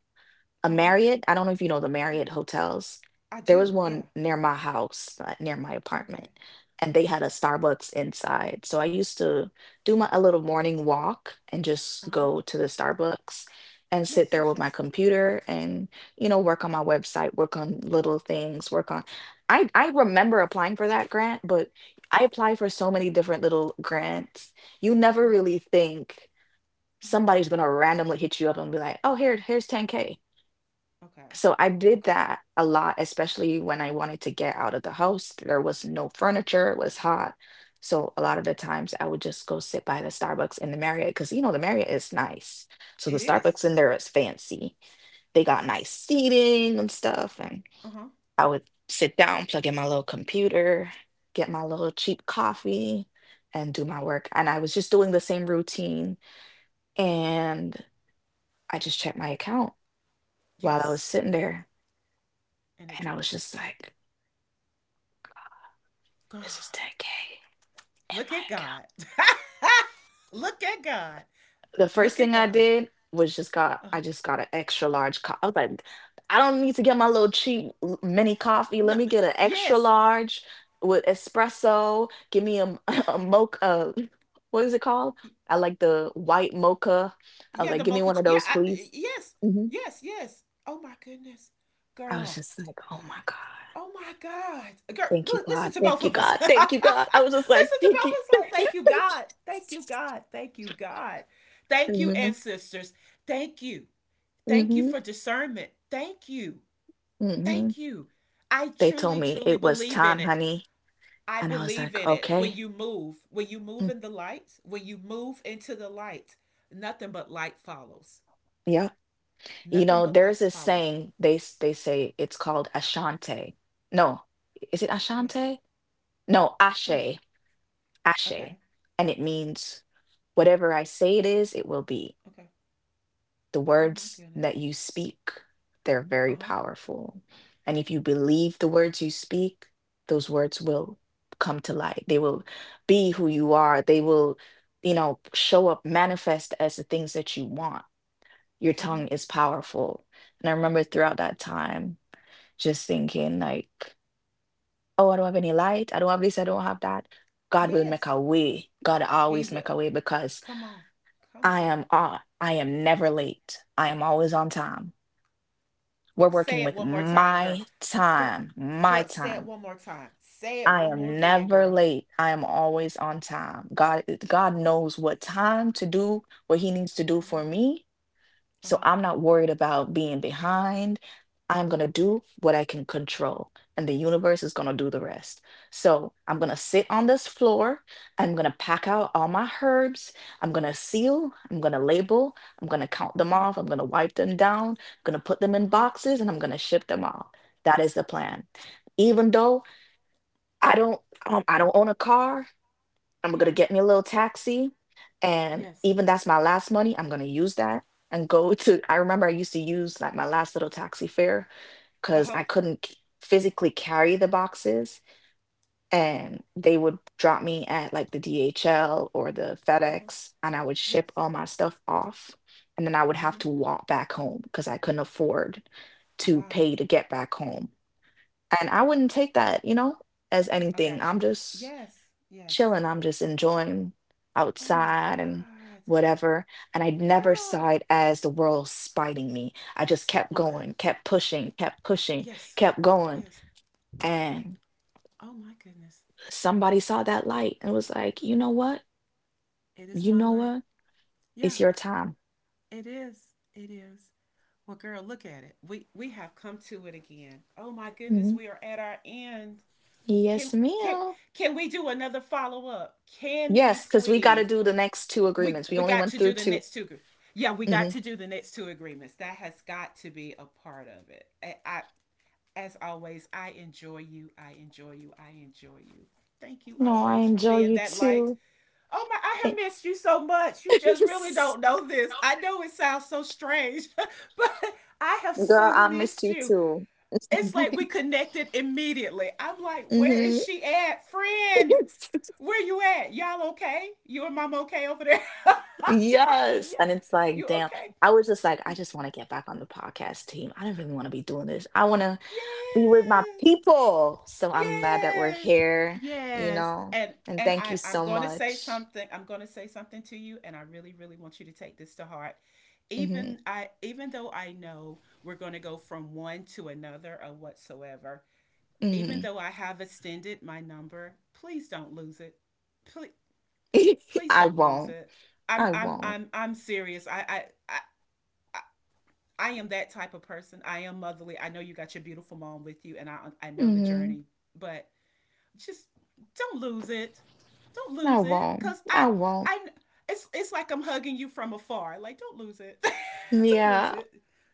A: a
B: Mm-hmm. uh-huh
A: Marriott. I don't know if you know the
B: yeah.
A: Marriott hotels.
B: I
A: There was
B: do
A: one
B: yeah
A: near my house, uh, near my apartment,
B: okay
A: and they had a Starbucks inside. So I used to do my, a little morning walk, and just
B: uh-huh
A: go to the Starbucks and sit
B: yes
A: there
B: yes
A: with my
B: yes
A: computer and you know work on my website, work on little things, work on. I I remember applying for that grant, but I applied for so many different little grants. You never
B: uh-huh
A: really think
B: mm-hmm.
A: somebody's gonna randomly hit you up and be like, "Oh, here, here's ten K."
B: Okay.
A: So I did
B: Okay.
A: that a lot, especially when I wanted to get out of the house. There was no furniture, it was hot. So a lot of
B: Mm-hmm.
A: the times I would just go sit by the Starbucks in the Marriott because you know the Marriott is nice. So the
B: It is.
A: Starbucks in there is fancy. They got nice
B: Yes.
A: seating and stuff. And
B: Uh huh.
A: I would sit down, plug in my little computer, get my little cheap coffee, and do my work. And I was just doing the same routine. And I just checked my account while I was
B: Yes.
A: sitting there.
B: And it
A: And I
B: dropped.
A: was just like,
B: <gasps> Girl,
A: "This is ten K in
B: look at
A: my account."
B: God. <laughs> look at God.
A: The first
B: Look at
A: thing I
B: God.
A: did was just got,
B: Uh,
A: I just got an extra large coffee. I was like, "I don't need to get my little cheap l- mini coffee.
B: no.
A: Let me get an extra
B: Yes.
A: large with espresso. Give me a, m- <laughs> a mocha." <laughs> What is it called? I like the white mocha. I was
B: Yeah,
A: like,
B: the
A: "Give me
B: mocha.
A: one of
B: Yeah.
A: those,
B: I,
A: please."
B: yes.
A: Mhm.
B: Yes. Yes. Oh my goodness,
A: I was
B: girl.
A: just like, "Oh my God.
B: Oh my God, girl.
A: Thank you,
B: li- Listen
A: God.
B: to both
A: Thank you,
B: of us.
A: God.
B: <laughs> listen to both
A: Thank you,
B: of
A: God." I was just like, "Thank you,
B: us.
A: <laughs> thank
B: Like,
A: you,
B: Thank you,
A: thank
B: God. Thank you, God. Thank you, God. Thank you,
A: you."
B: ancestors. Thank you. Thank you
A: hmm
B: for discernment. Thank you.
A: hmm hmm
B: Thank you. I
A: they told
B: truly,
A: me
B: truly
A: it was
B: believe in
A: time,
B: it.
A: honey.
B: I
A: And I was
B: believe
A: like,
B: in it. When
A: "Okay."
B: you move, when you move
A: Mm,
B: in the light, when you move into the light, nothing but light follows.
A: yeah. You
B: Nothing
A: know,
B: but
A: there's
B: lights
A: this
B: follows.
A: saying they s- they say, it's called Ashante. No, is it
B: Yeah.
A: Ashante? No,
B: What?
A: Ashe. Ashe.
B: Okay.
A: And it means whatever I say it is, it will be.
B: Okay.
A: The
B: Oh my
A: words
B: goodness.
A: that you speak, they're
B: Uh
A: very
B: huh.
A: powerful. And if you believe the words you speak, those words will come to light. They will be who you are. They will, you know, show up, manifest as the things that you want. Your
B: Mm-hmm.
A: tongue is powerful. And I remember throughout that time just thinking, like, oh, I don't have any light. I don't have this. I don't have that. God will make
B: Yes,
A: a way. God
B: he
A: always make a
B: will.
A: way, because
B: Come on. Come
A: I
B: on.
A: am on. I am never late. I am always on time. We're
B: Say
A: working
B: it
A: with
B: one more time, girl.
A: my
B: Girl,
A: time, my
B: girl, say it
A: time.
B: one more time. Say it
A: I
B: one more
A: am
B: again,
A: never
B: girl.
A: late. I am always on time. God God knows what time to do what he needs to do
B: Mm-hmm.
A: for me,
B: Uh
A: so
B: huh.
A: I'm not worried about being behind. I'm going to do what I can control, and the universe is going to do the rest. So I'm going to sit on this floor. I'm going to pack out all my herbs. I'm going to seal. I'm going to label. I'm going to count them
B: Mm-hmm.
A: off. I'm going to wipe them down. I'm going to put them
B: Uh
A: in
B: huh.
A: boxes, and I'm going to ship them off. That is the plan. Even though I don't um, I don't own a car, I'm gonna
B: Yeah.
A: get me a little taxi, and
B: Yes.
A: even that's my last money. I'm gonna use that and go <laughs> to. I remember I used to use like my last little taxi fare,
B: Uh
A: because
B: huh.
A: I couldn't c- physically carry the boxes, and they would drop me at like the D H L or the
B: Uh huh.
A: FedEx, and I would ship
B: Yes.
A: all my stuff off, and then I would have
B: Mm-hmm.
A: to walk back home because I couldn't afford to
B: Wow.
A: pay to get back home. And I wouldn't take that, you know, as
B: I
A: anything.
B: got you.
A: I'm just
B: Yes. Yes.
A: chilling. I'm just enjoying
B: Oh my
A: outside and
B: God.
A: whatever. And I never
B: Girl.
A: saw it as the world spiting me. I just kept
B: Okay.
A: going, kept pushing, kept pushing,
B: Yes.
A: kept going.
B: Yes.
A: And
B: Oh my goodness.
A: somebody saw that light and was like, "You know what?
B: It is
A: You
B: my
A: know
B: light.
A: what?
B: Yeah,
A: It's your time."
B: it is. It is. Well, girl, look at it. We we have come to it again. Oh my goodness,
A: Mhm.
B: we are at our end. Can
A: Yes,
B: can
A: ma'am.
B: can we do another follow up? Can we
A: Yes, because we got to
B: please?
A: do the next two
B: We
A: agreements. We
B: we
A: only
B: got
A: went
B: to do
A: through
B: the
A: two.
B: next two. Yeah, we got
A: Mhm.
B: to do the next two agreements. That has got to be a part of it. I, I as always, I enjoy you. I enjoy you. I enjoy you. Thank you
A: No, I
B: always for
A: enjoy
B: being
A: you
B: that light.
A: too.
B: Oh my, I
A: Thank-
B: have missed you so much. You just really don't
A: <laughs>
B: know this. I know it sounds so strange, <laughs> but I have
A: Girl,
B: so
A: I missed
B: missed
A: you
B: you.
A: too.
B: It's
A: <laughs>
B: like we connected immediately. I'm like, where
A: hmm
B: is she at? Friend,
A: <laughs>
B: where you at? Y'all okay? You and mom okay over there? <laughs>
A: Yes.
B: Yeah.
A: And it's like,
B: You
A: damn.
B: okay?
A: I was just like, I just want to get back on the podcast team. I don't really want to be doing this. I want to be with my people.
B: Yes.
A: So I'm glad that we're
B: Yes.
A: here, you
B: Yes.
A: know.
B: And
A: And
B: and
A: thank you
B: I, I'm
A: so
B: gonna say
A: much.
B: something. I'm gonna say something to you, and I really, really want you to take this to heart.
A: hmm
B: Even I even though I know we're gonna go from one to another or whatsoever, even
A: hmm
B: though I have extended my number, please don't lose it. Please
A: <laughs>
B: please
A: I
B: don't lose
A: won't.
B: it. I'm
A: I
B: I'm
A: won't.
B: I'm I'm serious. I I I, I am that type of person. I am motherly. I know you got your beautiful mom with you, and I I know the
A: hmm
B: journey, but just don't lose it. Don't
A: I
B: lose it,
A: won't.
B: cause I
A: I won't.
B: I it's it's like I'm hugging you from afar. Like don't lose it. <laughs> don't lose
A: Yeah.
B: it.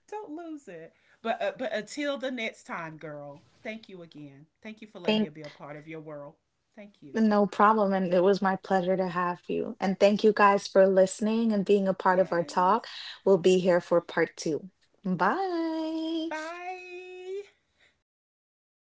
B: Don't lose it. But uh, but until the next time, girl. Thank you again. Thank you for letting me be a part of your world. Thank you.
A: No problem. And it was my pleasure to have you. And thank you guys for listening and being a part of our talk.
B: Yes.
A: We'll be here for part two. Bye.
B: Bye.